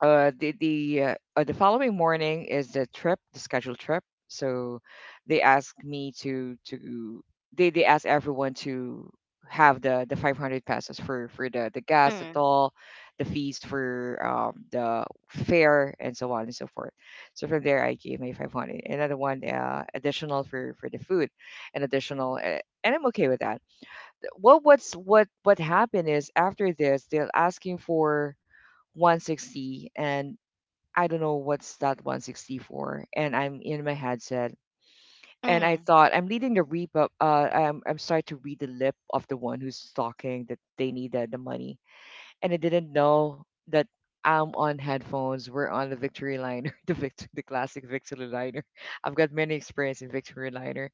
S2: uh the the uh, uh, the following morning is the trip, the scheduled trip. So they asked me to they asked everyone to have the 500 pesos for the gas, the
S1: mm,
S2: toll, the fees for the fare, and so on and so forth. So from there, I gave my 500, another one additional for the food, and additional and I'm okay with that. What what happened is after this, they're asking for 160, and I don't know what's that 164, and I'm in my headset, and I
S1: mm.
S2: thought I'm leading the reap up. I'm starting to read the lip of the one who's talking that they needed the money, and I didn't know that I'm on headphones. We're on the victory liner, <laughs> the the classic victory liner. <laughs> I've got many experience in victory liner.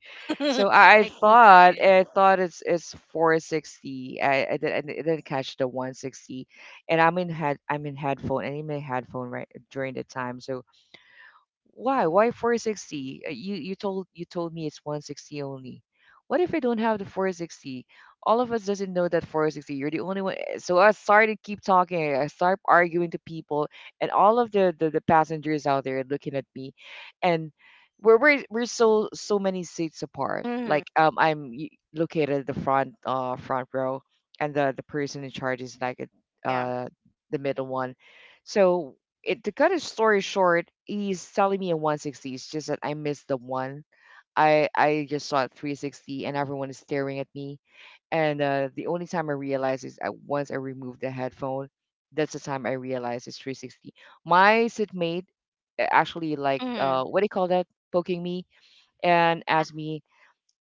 S2: So
S1: <laughs> I can't forget.
S2: I thought it's 460. I didn't catch the 160, and I'm in head, I'm in headphone and in my headphone right during the time. So why? Why 460? You told, you told me it's 160 only. What if I don't have the 460? All of us doesn't know that 460. You're the only one. Eh, so I started to keep talking. I start arguing to people, and all of the passengers out there looking at me, and we're so, so many seats apart.
S1: Mm-hmm.
S2: Like, I'm located at the front, front row, and the person in charge is like at,
S1: Yeah.
S2: uh, the middle one. So, it, to cut his story short, he's selling me a 160. It's just that I missed the one. I just saw it 360 and everyone is staring at me. And the only time I realized is at once I removed the headphone. That's the time I realized it's 360. My sitmate, actually like,
S1: Mm-hmm.
S2: what do you call that, poking me and asked me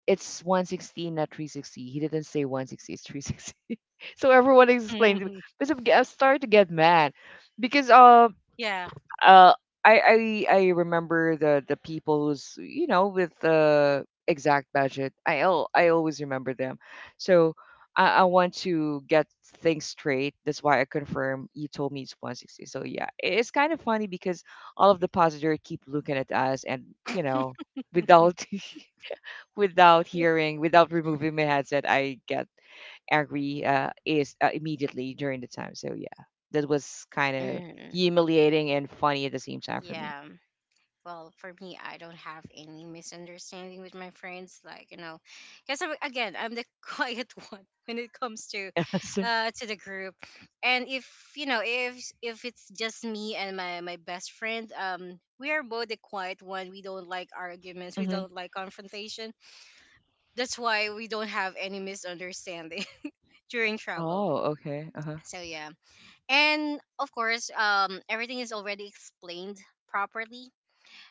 S2: it's 160 not 360. He didn't say 160, it's 360. <laughs> So everyone explained to me
S1: <laughs>
S2: because I started to get mad because
S1: Yeah.
S2: uh, I remember the people who's, you know, with the exact budget. I always remember them. So I want to get things straight. That's why I confirm, you told me it's 160. So yeah, it's kind of funny because all of the passenger keep looking at us, and, you know,
S1: <laughs>
S2: without <laughs> without hearing, without removing my headset, I get angry, is immediately during the time. So yeah, that was kind of
S1: Mm.
S2: humiliating and funny at the same time for me.
S1: Yeah. Well, for me, I don't have any misunderstanding with my friends, like, you know, because again, I'm the <laughs> quiet one when it comes to,
S2: <laughs> So,
S1: to the group. And if, you know, if it's just me and my best friend, we are both the quiet one. We don't like arguments, we
S2: hmm.
S1: don't like confrontation. That's why we don't have any misunderstanding <laughs> during travel.
S2: Oh, okay. Uh huh.
S1: So yeah, and of course, everything is already explained properly.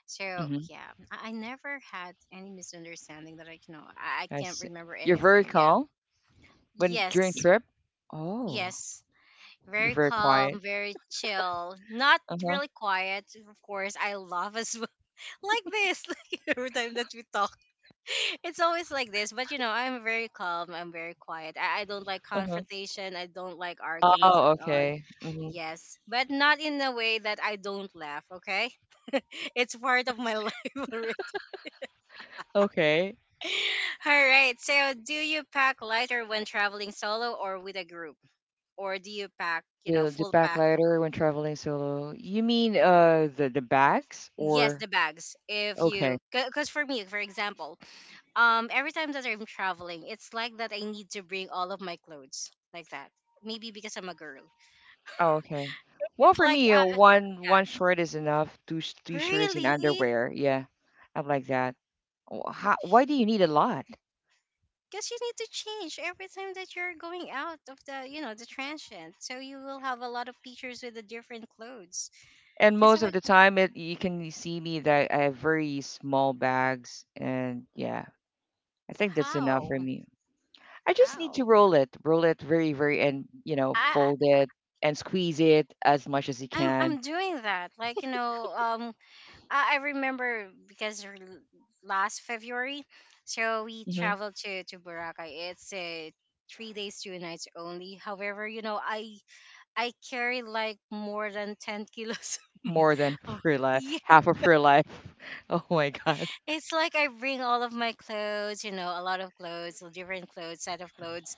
S1: So
S2: Hmm.
S1: yeah, I never had any misunderstanding that I, you know, I
S2: I
S1: can't
S2: see.
S1: remember
S2: You're very
S1: anything. Yeah.
S2: calm when during
S1: Yes.
S2: trip. Oh,
S1: Yes.
S2: you're
S1: Very
S2: very quiet.
S1: calm, very chill, not
S2: Uh huh.
S1: really quiet. Of course, I love as well. <laughs> Like this, <laughs> like every time that we talk, <laughs> it's always like this. But you know, I'm very calm. I'm very quiet. I don't like
S2: Uh huh.
S1: confrontation. I don't like arguments
S2: Oh,
S1: at all.
S2: okay. Hmm.
S1: Yes, but not in a way that I don't laugh. Okay, <laughs> it's part of my <laughs> life already.
S2: Okay.
S1: <laughs> All right. So, do you pack lighter when traveling solo or with a group? Or do you pack, you know,
S2: The
S1: full pack?
S2: backlighter when traveling solo. You mean the bags
S1: Yes,
S2: or
S1: the bags. If
S2: okay?
S1: you, because for me, for example, every time that I'm traveling, it's like that I need to bring all of my clothes like that. Maybe because I'm a girl.
S2: Oh, okay. Well,
S1: It's
S2: for
S1: like,
S2: me, one shirt is enough. Two two
S1: yeah,
S2: shirts and
S1: really?
S2: underwear. Yeah, I'm like that. How, why do you need a lot?
S1: Because you need to change every time that you're going out of the, you know, the transient. So you will have a lot of pictures with the different clothes.
S2: And
S1: Because I'm
S2: most of
S1: like,
S2: the time, it, you can see me that I have very small bags, and yeah, I think that's enough for
S1: how?
S2: me. I just need to
S1: How?
S2: roll it very, very, and, you know,
S1: I
S2: fold it and squeeze it as much as you
S1: I- am
S2: can.
S1: I'm doing that. Like, you know, I remember because last February, so we
S2: Hmm.
S1: traveled to Boracay. It's a 3 days 2 nights only. However, you know, I carry like more than 10 kilos. <laughs>
S2: More than
S1: Oh,
S2: <laughs> her life,
S1: yeah,
S2: half of her life. <laughs> Oh my God.
S1: it's like I bring all of my clothes. You know, a lot of clothes, different clothes, set of clothes.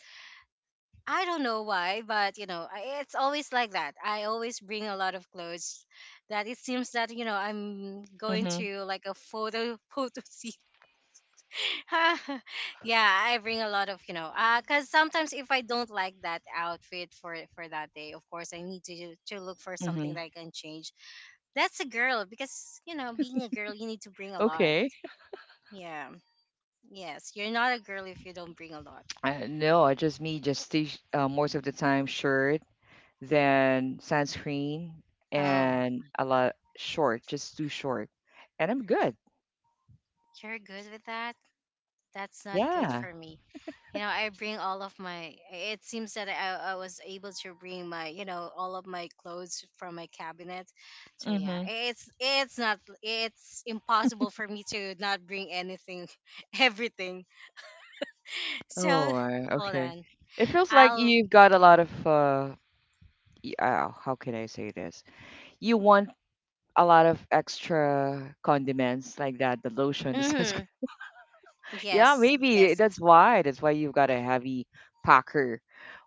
S1: I don't know why, but you know, it's always like that. I always bring a lot of clothes that it seems that, you know, I'm going
S2: Mm-hmm.
S1: to like a photo <laughs> photo shoot. <laughs> Yeah, I bring a lot of, you know, cause sometimes if I don't like that outfit for that day, of course I need to look for something
S2: Mm-hmm.
S1: that I can change. That's a girl because, you know, being a girl, you need to bring a lot.
S2: Okay.
S1: Yeah, yes, you're not a girl if you don't bring a lot.
S2: No, I just me just most of the time shirt, then sunscreen,
S1: Oh,
S2: and a lot short, just too short, and I'm good.
S1: you're good with that. That's not good
S2: Yeah.
S1: for me. You know, I bring all of my, it seems that I was able to bring my, you know, all of my clothes from my cabinet. So yeah,
S2: Mm-hmm.
S1: it's not, it's impossible for me to not bring anything. <laughs> Everything.
S2: Oh,
S1: So hold
S2: okay.
S1: on,
S2: It feels like
S1: I'll
S2: you've got a lot of
S1: <clears throat>
S2: how can I say this? You want a lot of extra condiments like that, the lotion, the <laughs> sunscreen.
S1: hmm.
S2: Yeah,
S1: Yes,
S2: maybe
S1: yes.
S2: that's why. That's why you've got a heavy packer.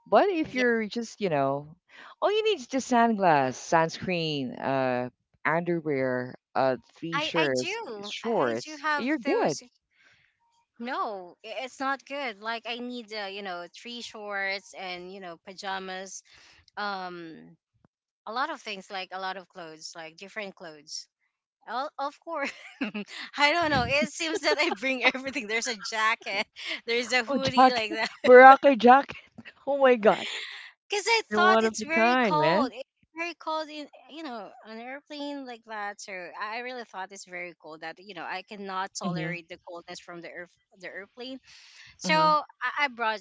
S2: But if
S1: Yes.
S2: you're just, you know, all you need is just sunglass, sunscreen, underwear, three shirts,
S1: I do
S2: shorts,
S1: have
S2: you're
S1: those.
S2: good.
S1: No, it's not good, like I need, you know, three shorts and, you know, pajamas. um a lot of things, like a lot of clothes, like different clothes. Well, of course, <laughs> I don't know, it seems that I bring everything. There's a jacket <laughs> there's a
S2: Oh,
S1: hoodie like
S2: jacket,
S1: that
S2: <laughs> Baraka jacket. <laughs> Oh my God,
S1: because I
S2: you're
S1: thought
S2: one of
S1: it's
S2: a
S1: very
S2: kind,
S1: cold.
S2: man.
S1: In, you know, an airplane like that, so I really thought it's very cold that, you know, I cannot
S2: Mm-hmm.
S1: tolerate the coldness from the earth, the airplane. So
S2: Mm-hmm.
S1: I brought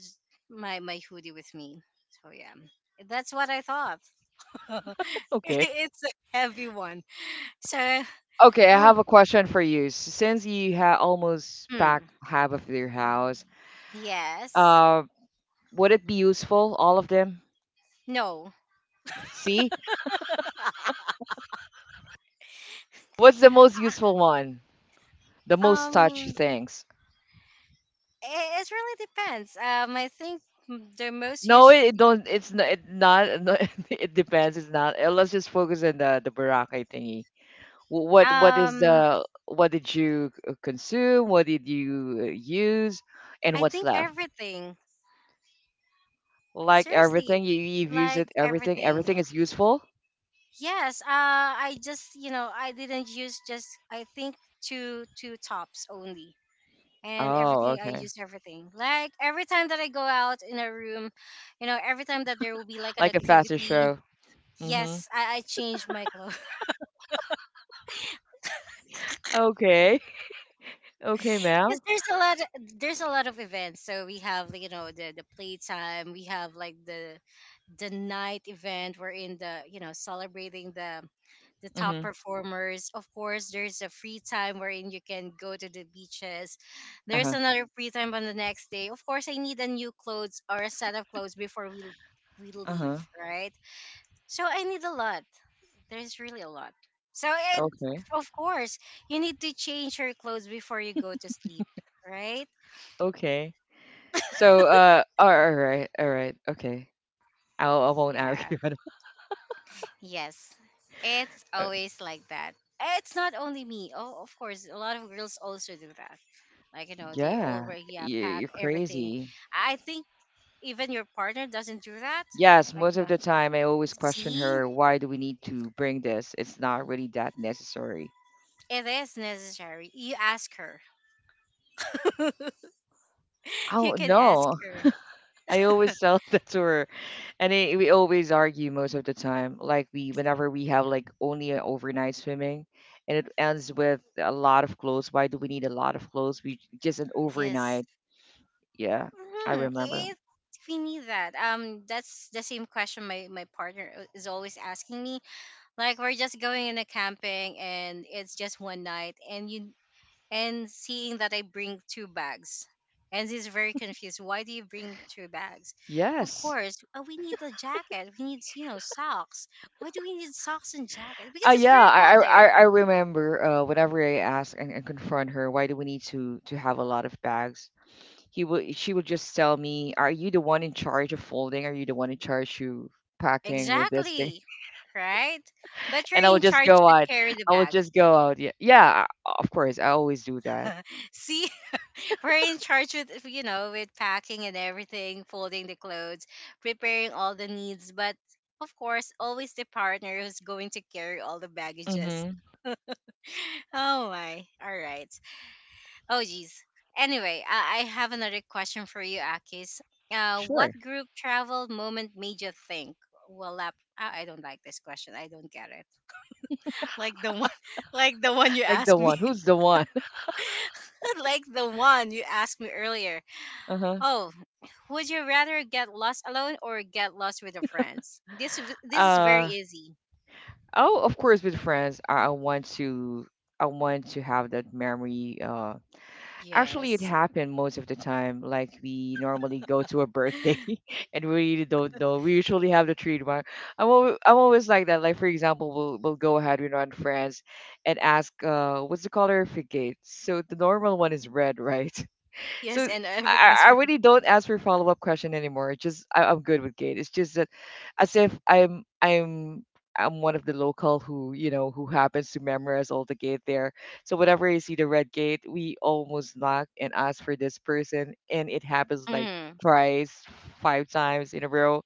S1: my hoodie with me. So yeah, that's what I thought. <laughs>
S2: Okay.
S1: It's a heavy one. So,
S2: Okay, I
S1: oh.
S2: have a question for you. Since you ha almost
S1: Hmm.
S2: packed half of your house,
S1: Yes.
S2: uh, would it be useful, all of them?
S1: No.
S2: See, what's the most useful one? The most touchy
S1: Um.
S2: things.
S1: It, it really depends. I think the most
S2: No,
S1: use.
S2: it don't. It's not. It not. <laughs> No, it depends. It's not. Let's just focus on the barangay thingy. What is
S1: Um.
S2: the what did you consume? What did you use? And
S1: I
S2: what's
S1: think
S2: left?
S1: everything.
S2: Like everything,
S1: Seriously,
S2: you've used
S1: like
S2: it. Everything. Everything
S1: everything.
S2: is useful.
S1: Yes. I just, you know, I didn't use just I think two tops only. And
S2: Oh,
S1: everything I
S2: okay.
S1: use everything. Like every time that I go out in a room, you know, every time that there will be like an
S2: Like a faster
S1: activity,
S2: show. Mm-hmm.
S1: yes, I change my <laughs> clothes.
S2: Okay. <laughs> Okay,
S1: Because
S2: Mal.
S1: there's a lot of events, so we have like, you know, the playtime. We have like the night event, we're in the, you know, celebrating the top
S2: Mm-hmm.
S1: performers. Of course, there's a free time wherein you can go to the beaches. There's
S2: Uh-huh.
S1: another free time on the next day. Of course, I need a new clothes or a set of clothes before we leave,
S2: Uh-huh.
S1: right? So I need a lot, there's really a lot. So, and
S2: Okay.
S1: of course, you need to change your clothes before you go to sleep, right?
S2: Okay. So, all right, okay. I won't
S1: Yeah.
S2: argue. <laughs>
S1: Yes. It's
S2: uh,
S1: always like that. It's not only me. Oh, of course, a lot of girls also do that. Like, you know, they
S2: yeah,
S1: already yeah, pack
S2: you're
S1: everything.
S2: crazy.
S1: I think even your partner doesn't do that.
S2: Yes,
S1: Like,
S2: most of
S1: no.
S2: the time I always question
S1: See,
S2: her, why do we need to bring this? It's not really that necessary.
S1: it is necessary. You ask her. <laughs> You
S2: Oh,
S1: can ask
S2: no.
S1: her.
S2: <laughs> I always tell <laughs> that to her. We always argue most of the time. Whenever we have like only an overnight swimming and it ends with a lot of clothes, why do we need a lot of clothes? We just an
S1: Yes.
S2: overnight. Yeah, I
S1: Hmm.
S2: remember.
S1: If we need that, that's the same question my partner, is always asking me. Like we're just going in a camping and it's just one night, and you and seeing that I bring two bags. And he's very confused. Why do you bring two bags? Of
S2: Yes.
S1: course, we need a jacket. We need, you know, socks. Why do we need socks and jacket?
S2: Uh,
S1: Because it's
S2: yeah,
S1: very cold
S2: I, I I
S1: there.
S2: I remember whenever I ask and confront her, why do we need to have a lot of bags? He would She would just tell me, "Are you the one in charge of folding? Are you the one in charge of packing with this thing?"
S1: Exactly.
S2: <laughs>
S1: Right? But you're
S2: And I
S1: in
S2: would just
S1: charge
S2: go
S1: to
S2: out.
S1: carry the
S2: I would
S1: bag.
S2: just go out. Yeah, yeah. I- Of course, I always do that.
S1: <laughs> See? We're in charge with, you know, with packing and everything, folding the clothes, preparing all the needs, but of course, always the partner who's going to carry all the baggages.
S2: Mm-hmm.
S1: <laughs> Oh my. All right. Oh geez. Anyway, I have another question for you, Akis. What
S2: Sure.
S1: group travel moment made you think? Well, I don't like this question. I don't get it. <laughs> Like the one, <laughs> like the one you
S2: Like the
S1: asked me,
S2: one. Who's the one? <laughs>
S1: <laughs> like the one you asked me earlier.
S2: Uh-huh.
S1: Oh, would you rather get lost alone or get lost with your friends? This is very
S2: Uh
S1: easy.
S2: oh, of course, with friends, I want to have that memory. Actually, it
S1: Yes. <gasps>
S2: happened most of the time. Like we normally go to a birthday,
S1: <laughs>
S2: <laughs> and we don't know. We usually have the treat one. I'm always like that. Like for example, we'll go ahead. We're not friends, and ask, what's the color of your gate? So the normal one is red, <laughs> right?
S1: Yes,
S2: So
S1: and everything is
S2: I
S1: ready.
S2: really don't ask for follow up question anymore. It's just I'm good with gate. It's just that as if I'm one of the local who you know who happens to memorize all the gate there. So whenever I see the red gate, we almost knock and ask for this person, and it happens like
S1: Mm,
S2: twice, five times in a row.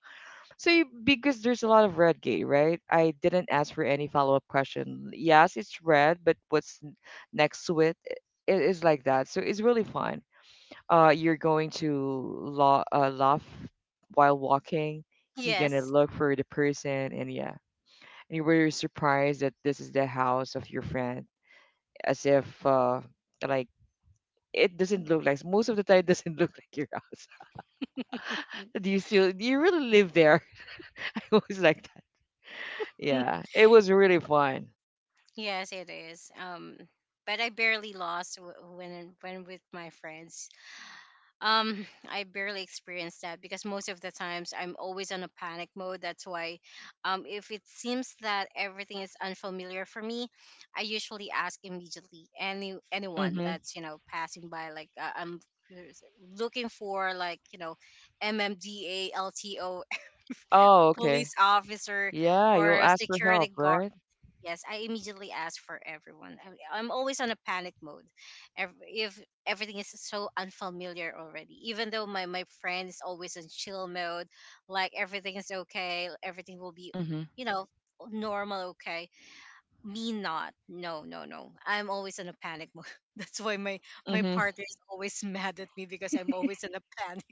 S2: So you, because there's a lot of red gate, right? I didn't ask for any follow up question. Yes, it's red, but what's n- next to it? It is like that. So it's really fun. You're going to la- laugh while walking. You're gonna
S1: yes.
S2: look for the person, and yeah, and you were surprised that this is the house of your friend. As if like it doesn't look like, most of the time it doesn't <laughs> look like your house. <laughs>
S1: Mm.
S2: Do you really live there? <laughs> It was like that.
S1: <laughs>
S2: Yeah, it was really fun.
S1: Yes, it is. But I barely lost when with my friends. <sighs> I barely experience that because most of the times I'm always on a panic mode. That's why, if it seems that everything is unfamiliar for me, I usually ask immediately anyone
S2: Mm-hmm.
S1: that's you know passing by. Like I'm curious- looking for like you know, MMDALTO <laughs>
S2: Oh, okay.
S1: police officer,
S2: Yeah, you'll
S1: or
S2: ask for
S1: security
S2: help,
S1: guard.
S2: right?
S1: Yes, I immediately ask for everyone. I'm always on a panic mode. If everything is so unfamiliar already, even though my friend is always on chill mode, like everything is okay, everything will be,
S2: Mm-hmm.
S1: you know, normal, okay. Me not. No, no, no. I'm always in a panic mode. <laughs> That's why my, my
S2: Mm-hmm.
S1: partner is always <laughs> mad at me because I'm always in a panic.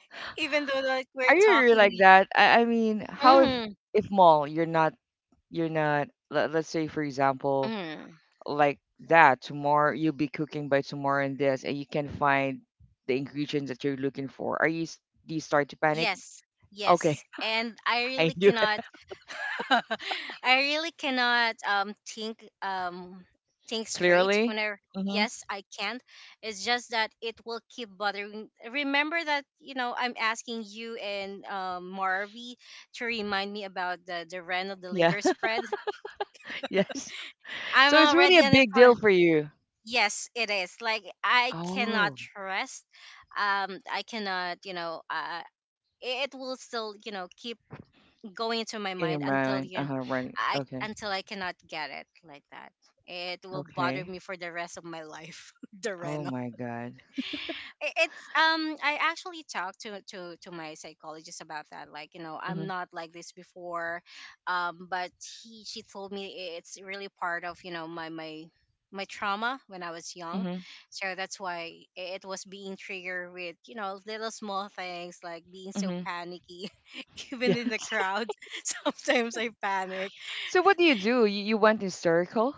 S1: <laughs> Even though like we're
S2: Are you really like
S1: talking.
S2: that? I mean, how
S1: Hmm.
S2: if mall you're not, you're not, let's say for example, like that tomorrow you'll be cooking by tomorrow, and this, and you can find the ingredients that you're looking for. Are you s- do you start to panic?
S1: Yes,
S2: Okay.
S1: yes. And I
S2: <laughs> I
S1: really
S2: knew it.
S1: cannot <laughs> I really cannot think think straight
S2: Clearly.
S1: whenever
S2: Mm-hmm.
S1: yes, I can't. It's just that it will keep bothering remember that, you know, I'm asking you and Marvy to remind me about the renal
S2: Yeah.
S1: deliver spread. <laughs>
S2: <laughs> Yes. So
S1: I'm
S2: it's really a
S1: already on the
S2: big deal
S1: point.
S2: for you.
S1: Yes, it is. Like I cannot
S2: Oh,
S1: rest. I cannot, you know, it will still, you know, keep going into my
S2: in your
S1: mind until
S2: mind,
S1: you
S2: uh-huh, running.
S1: I
S2: Okay.
S1: until I cannot get it like that. It will bother
S2: Okay.
S1: me for the rest of my life. <laughs> the
S2: Oh my god.
S1: it's I actually talked to my psychologist about that like you know I'm
S2: Mm-hmm.
S1: not like this before but he she told me it's really part of you know my my trauma when I was young
S2: Mm-hmm.
S1: so that's why it was being triggered with you know little small things like being so
S2: Mm-hmm.
S1: panicky <laughs>
S2: <laughs>
S1: even in the
S2: Yes.
S1: crowd <laughs> sometimes I panic.
S2: So what do you do? You went in circle.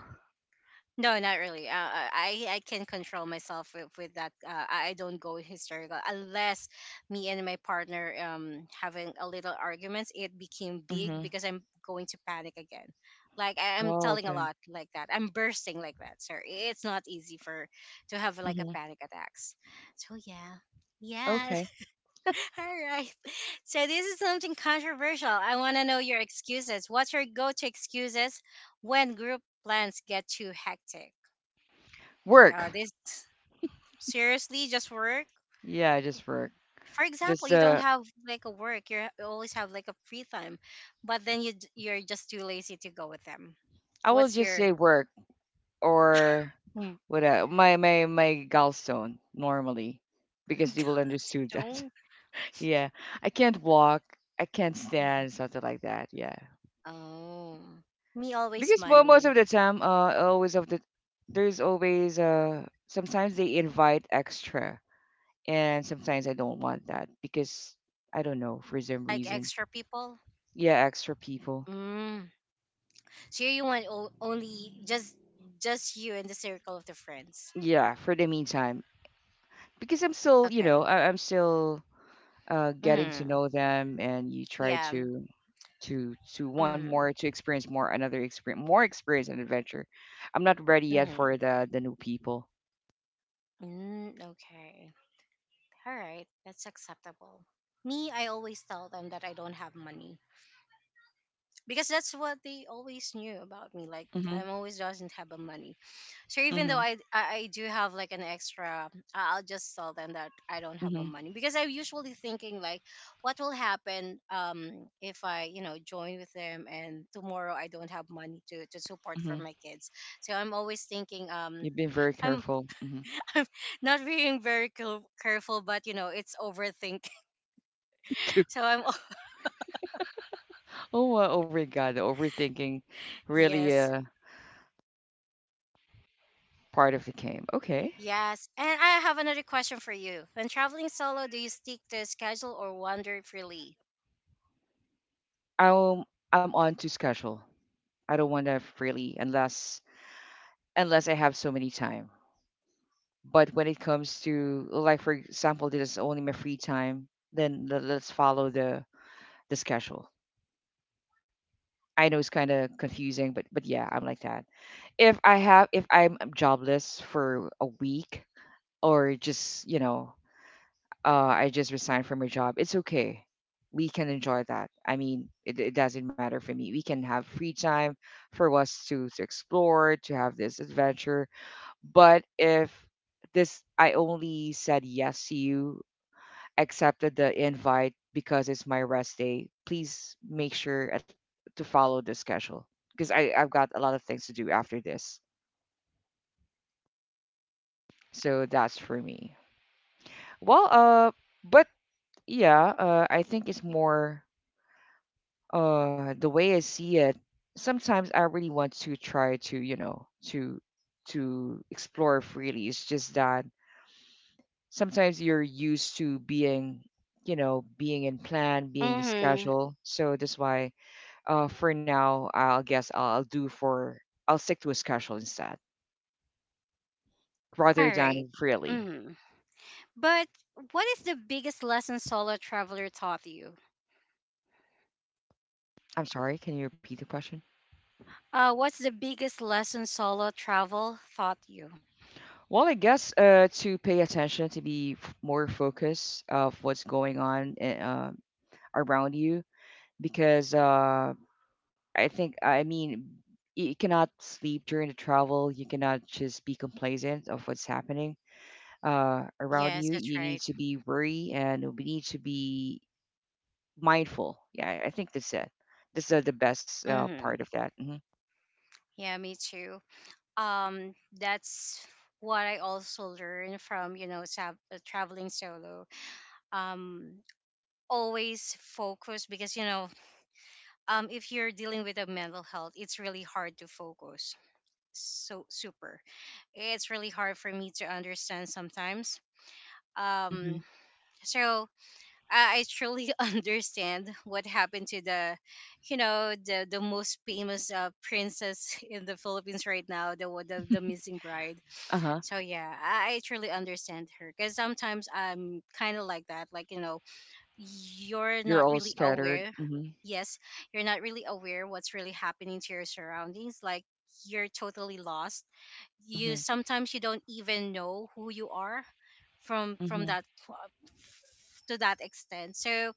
S1: No, not really. I can control myself with that. I don't go hysterical unless me and my partner having a little arguments. It became big
S2: Mm-hmm.
S1: because I'm going to panic again. Like I'm
S2: Oh,
S1: telling a
S2: okay.
S1: lot like that. I'm bursting like that. So it's not easy for to have like a
S2: Mm-hmm.
S1: panic attacks. So yeah, yeah.
S2: Okay,
S1: <laughs> All right. So this is something controversial. I want to know your excuses. What's your go-to excuses when group plans get too hectic?
S2: work.
S1: Yeah, this seriously just work.
S2: Yeah, just work.
S1: For example,
S2: Just
S1: you don't have like a work, you always have like a free time, but then you you're just too lazy to go with them.
S2: I will
S1: What's
S2: just
S1: your
S2: say work. Or what uh, my gallstone normally, because they will
S1: <laughs>
S2: understood that.
S1: stone?
S2: <laughs> Yeah, I can't walk, I can't stand, something like that. Yeah,
S1: Oh, me always
S2: because mo- most
S1: money,
S2: of the time, always of the there's always sometimes they invite extra, and sometimes I don't want that because I don't know for some
S1: like
S2: reason.
S1: extra people.
S2: Yeah, extra people.
S1: Mm. So you want only just you and the circle of the friends.
S2: Yeah, for the meantime, because I'm still you
S1: Okay.
S2: know I'm still getting to
S1: Mm.
S2: know them, and you try
S1: Yeah.
S2: to want more
S1: Mm.
S2: to experience more, another experience, more experience and adventure. I'm not ready yet for
S1: Mm.
S2: the new people.
S1: Mm. Okay. All right, that's acceptable. Me, I always tell them that I don't have money because that's what they always knew about me. Like
S2: Hmm.
S1: I'm always doesn't have a money. So even though
S2: Hmm.
S1: I I do have like an extra, I'll just tell them that I don't have my
S2: Hmm.
S1: money because I'm usually thinking like, what will happen if I you know join with them and tomorrow I don't have money to support for
S2: Hmm.
S1: my kids. So I'm always thinking
S2: You've been very
S1: I'm
S2: careful. Hmm.
S1: <laughs> I'm not being very careful, but you know it's overthink.
S2: <laughs> Too.
S1: So I'm all
S2: Oh oh my god, the overthinking
S1: <laughs>
S2: really,
S1: yes.
S2: uh, part of the game. Okay.
S1: Yes. And I have another question for you. When traveling solo, do you stick to a schedule or wander freely?
S2: I'm i'm on to schedule. I don't want to really, unless unless I have so many time. But when it comes to, like, for example, this is only my free time, then le- let's follow the schedule. I know it's kind of confusing, but yeah, I'm like that. If I have, if I'm jobless for a week, or just, you know, I just resigned from my job, it's okay. We can enjoy that. It doesn't matter for me. We can have free time for us to explore, to have this adventure. But if this I only said yes to you, accepted the invite because it's my rest day, please make sure at, to follow the schedule because I I've got a lot of things to do after this. So that's for me. Well, but yeah, I think it's more the way I see it. Sometimes I really want to try to you know to explore freely. It's just that sometimes you're used to being you know being in plan, being in
S1: Mm-hmm.
S2: schedule. So that's why, uh, for now, I'll guess I'll do for I'll stick to a schedule instead, rather
S1: All right.
S2: than freely.
S1: Mm-hmm. But what is the biggest lesson solo traveler taught you?
S2: I'm sorry, can you repeat the question?
S1: What's the biggest lesson solo travel taught you?
S2: Well, I guess to pay attention, to be f- more focused of what's going on I- around you, because I think I mean you cannot sleep during the travel. You cannot just be complacent of what's happening
S1: Yes,
S2: around
S1: that's
S2: you.
S1: right.
S2: You need to be worried, and we need to be mindful. Yeah, I think that's it. This is the best
S1: Mm-hmm.
S2: part of that. Hmm.
S1: Yeah, me too. That's what I also learned from you know traveling solo. Um, always focus because you know if you're dealing with a mental health, it's really hard to focus. So super. It's really hard for me to understand sometimes.
S2: Hmm.
S1: Um, so I truly <laughs> understand what happened to you know, the most famous princess <laughs> in the Philippines right now, the missing bride.
S2: Uh huh.
S1: So yeah, I truly understand her because sometimes I'm kind of like that. Like you know, you're
S2: You're
S1: not
S2: all
S1: really
S2: scattered.
S1: aware
S2: Hmm.
S1: yes you're not really aware what's really happening to your surroundings like you're totally lost you
S2: Hmm.
S1: sometimes you don't even know who you are from
S2: Hmm.
S1: that to that extent so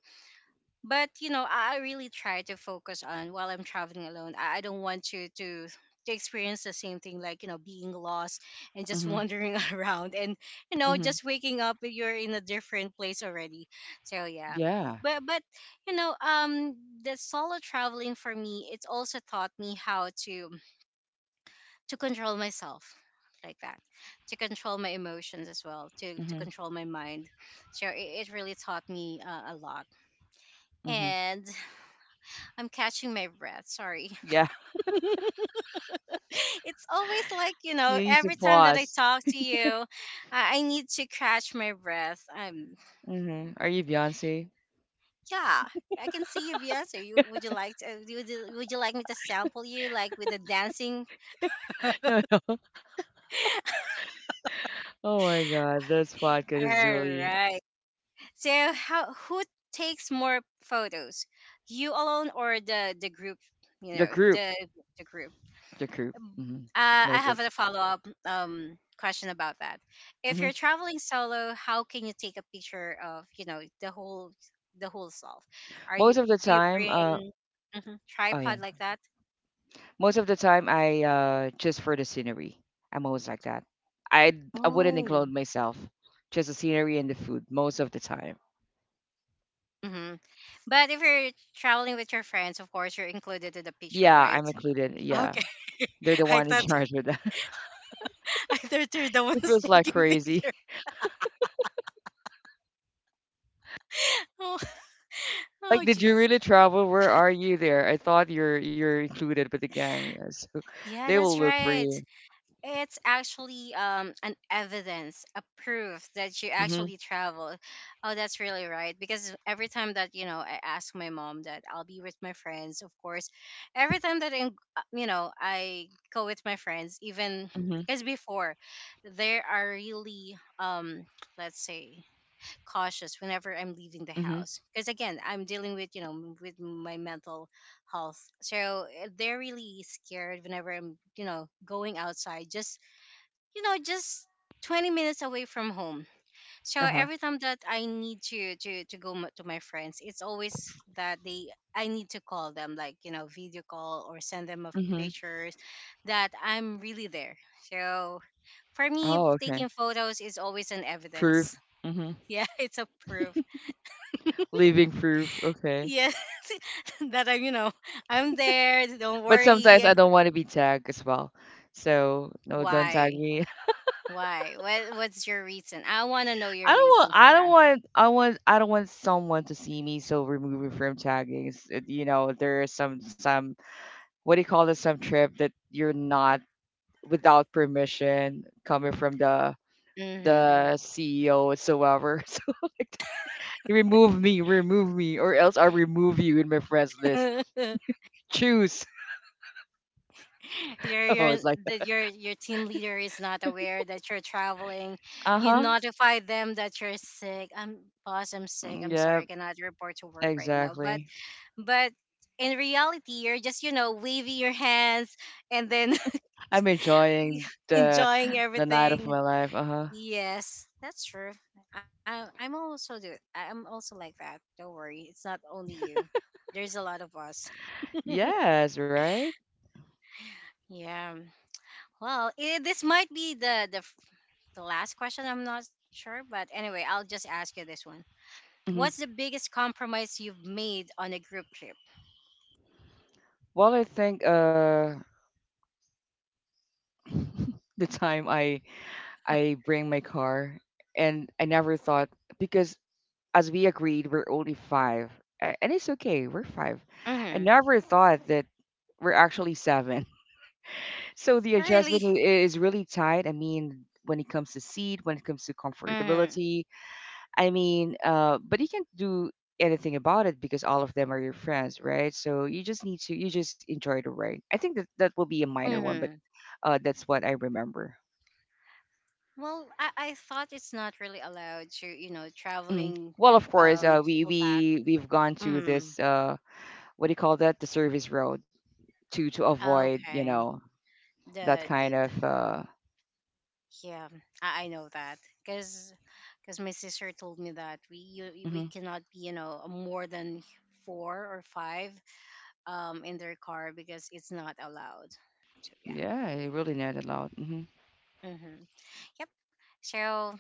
S1: but you know I really try to focus on while I'm traveling alone I don't want you to experience the same thing like you know being lost and just
S2: Hmm.
S1: wandering <laughs> around and you know
S2: Hmm.
S1: just waking up you're in a different place already so yeah
S2: Yeah.
S1: but you know the solo traveling for me it's also taught me how to control myself like that to control my emotions as well to
S2: Hmm.
S1: control my mind so it really taught me a lot
S2: Hmm.
S1: and I'm catching my breath. Sorry.
S2: Yeah. <laughs>
S1: <laughs> It's always like, you
S2: You
S1: know,
S2: need to
S1: every time that I
S2: pause.
S1: talk to you, I need to catch my breath. I'm, oh
S2: Hmm. Are
S1: my.
S2: you Beyonce?
S1: Yeah. I can see you've answered. You, would you like to, would you like me to sample you like with the dancing?
S2: <laughs> No. No. Oh my God, this podcast
S1: All
S2: is really
S1: right. So how who takes more photos? You alone or the group, you
S2: the
S1: know,
S2: group.
S1: the group?
S2: The group. Hmm.
S1: I
S2: Most of.
S1: have a follow up question about that. If
S2: Hmm.
S1: you're traveling solo, how can you take a picture of you know the whole self? Are you
S2: Most of the
S1: do you
S2: time.
S1: bring mhm,
S2: Oh yeah.
S1: tripod like that?
S2: Most of the time, I just for the scenery. I'm always like that. I I wouldn't
S1: Oh.
S2: include myself. Just the scenery and the food most of the time.
S1: Hmm. But if you're traveling with your friends, of course you're included in the picture,
S2: Yeah,
S1: right?
S2: I'm included. Yeah,
S1: Okay,
S2: they're the
S1: <laughs> I
S2: one in <laughs>
S1: thought
S2: charge with that. <laughs>
S1: <laughs> I thought you're the
S2: It
S1: ones
S2: feels like
S1: taking
S2: crazy.
S1: picture. <laughs>
S2: <laughs>
S1: Oh,
S2: Like,
S1: oh
S2: did you
S1: Jesus!
S2: really travel? Where are you there? I thought you're included with the gang. Yeah, so <laughs>
S1: Yeah,
S2: they will
S1: that's
S2: look for
S1: right.
S2: you.
S1: It's actually an evidence, a proof that you
S2: Mhm.
S1: actually travel. Oh, that's really right. Because every time that you know, I ask my mom that I'll be with my friends. Of course, every time that you know, I go with my friends, even
S2: Mhm.
S1: as before, they are really, let's say, cautious whenever I'm leaving the
S2: Mhm.
S1: house. Because again, I'm dealing with you know with my mental health. So eh, they're really scared whenever I'm, you know, going outside just you know just 20 minutes away from home so
S2: Uh huh.
S1: every time that I need to to go to my friends it's always that they I need to call them like you know video call or send them of
S2: Mhm.
S1: pictures that I'm really there so for me
S2: Oh, okay.
S1: taking photos is always an
S2: Proof.
S1: evidence
S2: Mhm.
S1: <laughs> yeah it's a proof.
S2: Leaving proof. Okay.
S1: Yes, <laughs> that I'm you know I'm there don't
S2: But sometimes I
S1: worry
S2: don't want to be tagged as well. So no, don't tag
S1: why
S2: me.
S1: why what what's your reason I want to know
S2: <laughs> I
S1: your
S2: don't want.
S1: reason for
S2: I don't
S1: that
S2: want. I want. I don't want someone to see me. So remove me from tagging. It's- it- You know, there is some what do you call this? Some trip that you're not without permission coming from
S1: mm
S2: the CEO whatsoever. <laughs> So like that. Remove me, remove me, or else I'll remove you in my friends list.
S1: hmm <laughs>
S2: Choose. <laughs> Oh,
S1: your
S2: it's like
S1: that
S2: that.
S1: your team leader is not aware that you're traveling
S2: Uh
S1: you
S2: huh.
S1: notify them that you're sick I'm boss I'm sick I'm sorry I
S2: Yep.
S1: cannot report to work right now
S2: Exactly.
S1: but in reality you're just you know waving your hands and then
S2: I'm enjoying
S1: <laughs> enjoying
S2: the night of
S1: everything
S2: my life. Uh huh.
S1: yes that's true I'm also do I'm also like that don't worry it's not only you there's a lot of us
S2: Yes, right.
S1: yeah. Well, eh, this might be the the last question. I'm not sure, but anyway, I'll just ask you this one.
S2: Hmm.
S1: What's the biggest compromise you've made on a group trip?
S2: Well, I think the time I bring my car, and I never thought because as we agreed, we're only five, a- and it's okay. We're five. I
S1: Mm-hmm.
S2: never thought that we're actually seven. <laughs> So the
S1: Really?
S2: adjustment I- is really tight. I mean, when it comes to seat, when it comes to
S1: Mm-hmm.
S2: comfortability, I mean, but you can't do anything about it because all of them are your friends, right? So you just need to, you just enjoy the ride. I think that that will be a minor one, but
S1: Mm-hmm.
S2: that's what I remember.
S1: Well, I thought it's not really allowed to, you know,
S2: Mm.
S1: traveling
S2: Well, of course, we
S1: full pack.
S2: we we've gone to
S1: Mm.
S2: this what do you call that? The service road to avoid, you
S1: Okay.
S2: know, that kind
S1: The
S2: of.
S1: yeah, I know that because because my sister told me that we you, we
S2: Mhm.
S1: cannot be you know more than four or five in their car because it's not allowed. So yeah.
S2: Yeah, I really know that loud. Hmm.
S1: Mm-hmm. Yep. So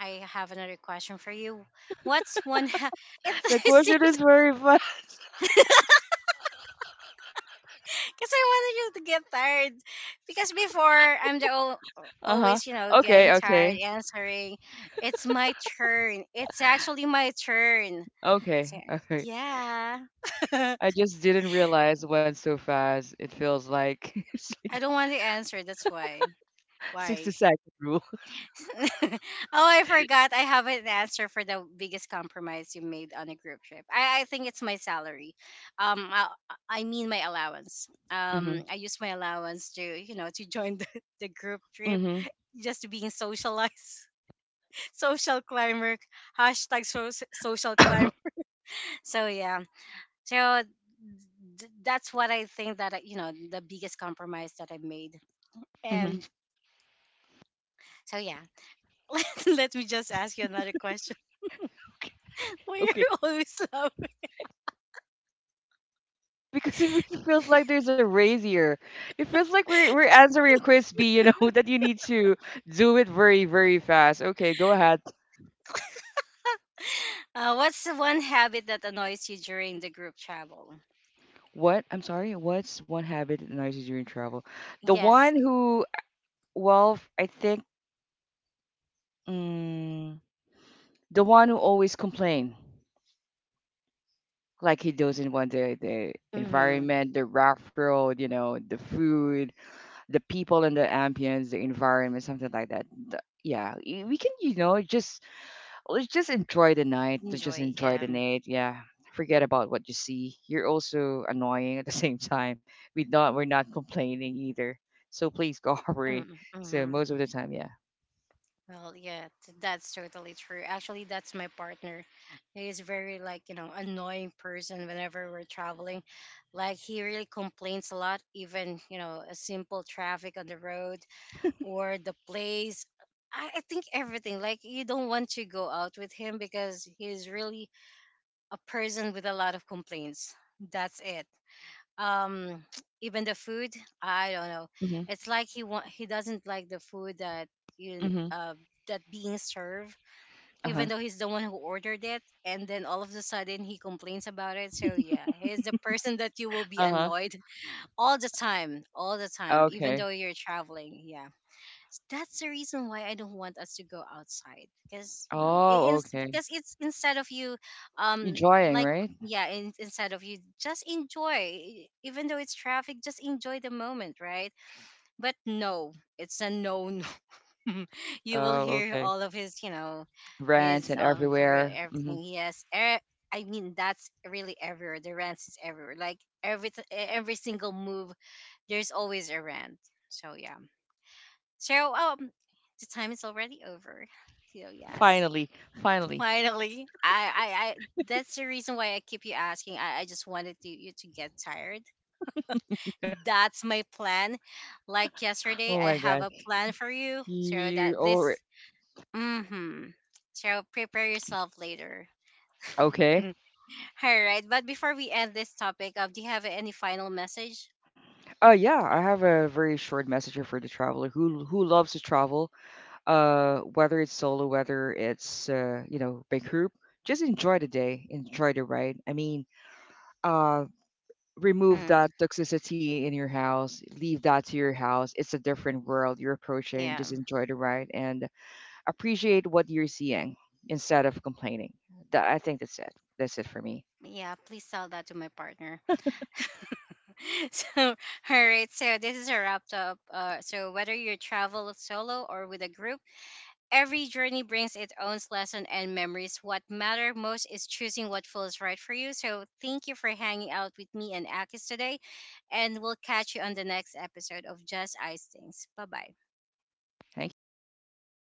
S1: I have another question for you. What's one <laughs> it
S2: The question
S1: seems
S2: is very fast. <laughs>
S1: because I wanted you to get tired because before I'm the
S2: Uh huh.
S1: always you know getting
S2: Okay.
S1: tired
S2: Okay.
S1: answering. It's my turn. It's actually my turn.
S2: Okay.
S1: So
S2: <laughs>
S1: yeah. <laughs>
S2: I just didn't realize it went so fast. It feels like <laughs> it's like
S1: I don't want to answer. That's why.
S2: 60
S1: Why?
S2: second rule.
S1: <laughs> Oh, I forgot. I have an answer for the biggest compromise you made on a group trip. I think it's my salary. Um, I, I mean my allowance.
S2: Hmm.
S1: I use my allowance to you know to join <laughs> the group trip,
S2: Hmm.
S1: just to being socialized, <laughs> social climber, hashtag so, social climber.
S2: <coughs>
S1: <laughs> So yeah, so that's what I think that you know the biggest compromise that I made.
S2: Hmm.
S1: And so yeah, <laughs> let me just ask you another We're
S2: Okay.
S1: <laughs> awesome.
S2: Because it <laughs> really feels like there's a race here. It feels like we're answering a quiz B, you know, <laughs> that you need to do it very, very fast. Okay, go ahead.
S1: What's the one habit that annoys you during the group travel?
S2: What? I'm sorry, what's one habit that annoys you during travel? The one
S1: Yes.
S2: who well, I think mm, the one who always complain. Like he doesn't want the
S1: Mm-hmm.
S2: environment, the rough road, you know, the food, the people and the ambience, the environment, something like that. The- yeah, y- we can, you know, just let's just enjoy the night. To just
S1: Enjoy.
S2: enjoy
S1: Yeah.
S2: the night. Yeah, forget about what you see. You're also annoying at the <laughs> same time. We're not complaining either. So please
S1: Mm,
S2: cooperate.
S1: mm,
S2: <laughs> So
S1: mm-hmm.
S2: most of the time, yeah.
S1: Well, yeah, that's totally true. Actually, that's my partner. He's very like you know annoying person whenever we're traveling. Like he really complains a lot, even you know a simple traffic on the road or the place. I think everything. Like you don't want to go out with him because he's really a person with a lot of complaints. That's it. Um, <tsk> even the food, I don't know.
S2: Mhm.
S1: It's like he doesn't like the food that you
S2: Mhm.
S1: that being served,
S2: Uh huh.
S1: even though he's the one who ordered it, and then all of a sudden he complains about it. So yeah, he's the person that you will be
S2: Uh huh.
S1: annoyed all the time, even
S2: Okay.
S1: though you're traveling. Yeah that's the reason why I don't want us to go outside because you know
S2: Oh,
S1: it's,
S2: okay.
S1: because it's instead of you
S2: Enjoying,
S1: like
S2: right?
S1: yeah instead of you just enjoy even though it's traffic just enjoy the moment right but no it's a no no <laughs> you will
S2: Oh,
S1: hear
S2: okay.
S1: all of his you know
S2: Brands
S1: his
S2: and everywhere. Hmm.
S1: everything he has I mean that's really everywhere the rant is everywhere like every single move there's always a rant so yeah so the time is already over. So yes,
S2: Finally,
S1: <laughs>
S2: finally.
S1: finally, I that's the reason why I keep you asking. I just wanted to, you to get tired. That's my plan. Like yesterday,
S2: Oh
S1: I
S2: my
S1: have
S2: God.
S1: a plan for you. So
S2: You
S1: that this,
S2: already
S1: mm-hmm. So prepare yourself later.
S2: okay?
S1: <laughs> All right, but before we end this topic, do you have any final message?
S2: Yeah, I have a very short message here for the traveler who loves to travel. Whether it's solo, whether it's you know, big group, just enjoy the day, enjoy the ride. I mean, uh, remove
S1: Mm,
S2: that toxicity in your house, leave that to your house. It's a different world you're approaching.
S1: yeah,
S2: Just enjoy the ride and appreciate what you're seeing instead of complaining. That I think that's it. That's it for me.
S1: yeah. Please tell that to my partner. <laughs> so all right so this is a wrap up so whether you travel solo or with a group every journey brings its own lesson and memories what matter most is choosing what feels right for you so thank you for hanging out with me and akis today and we'll catch you on the next episode of just ice things bye bye
S2: Thank you.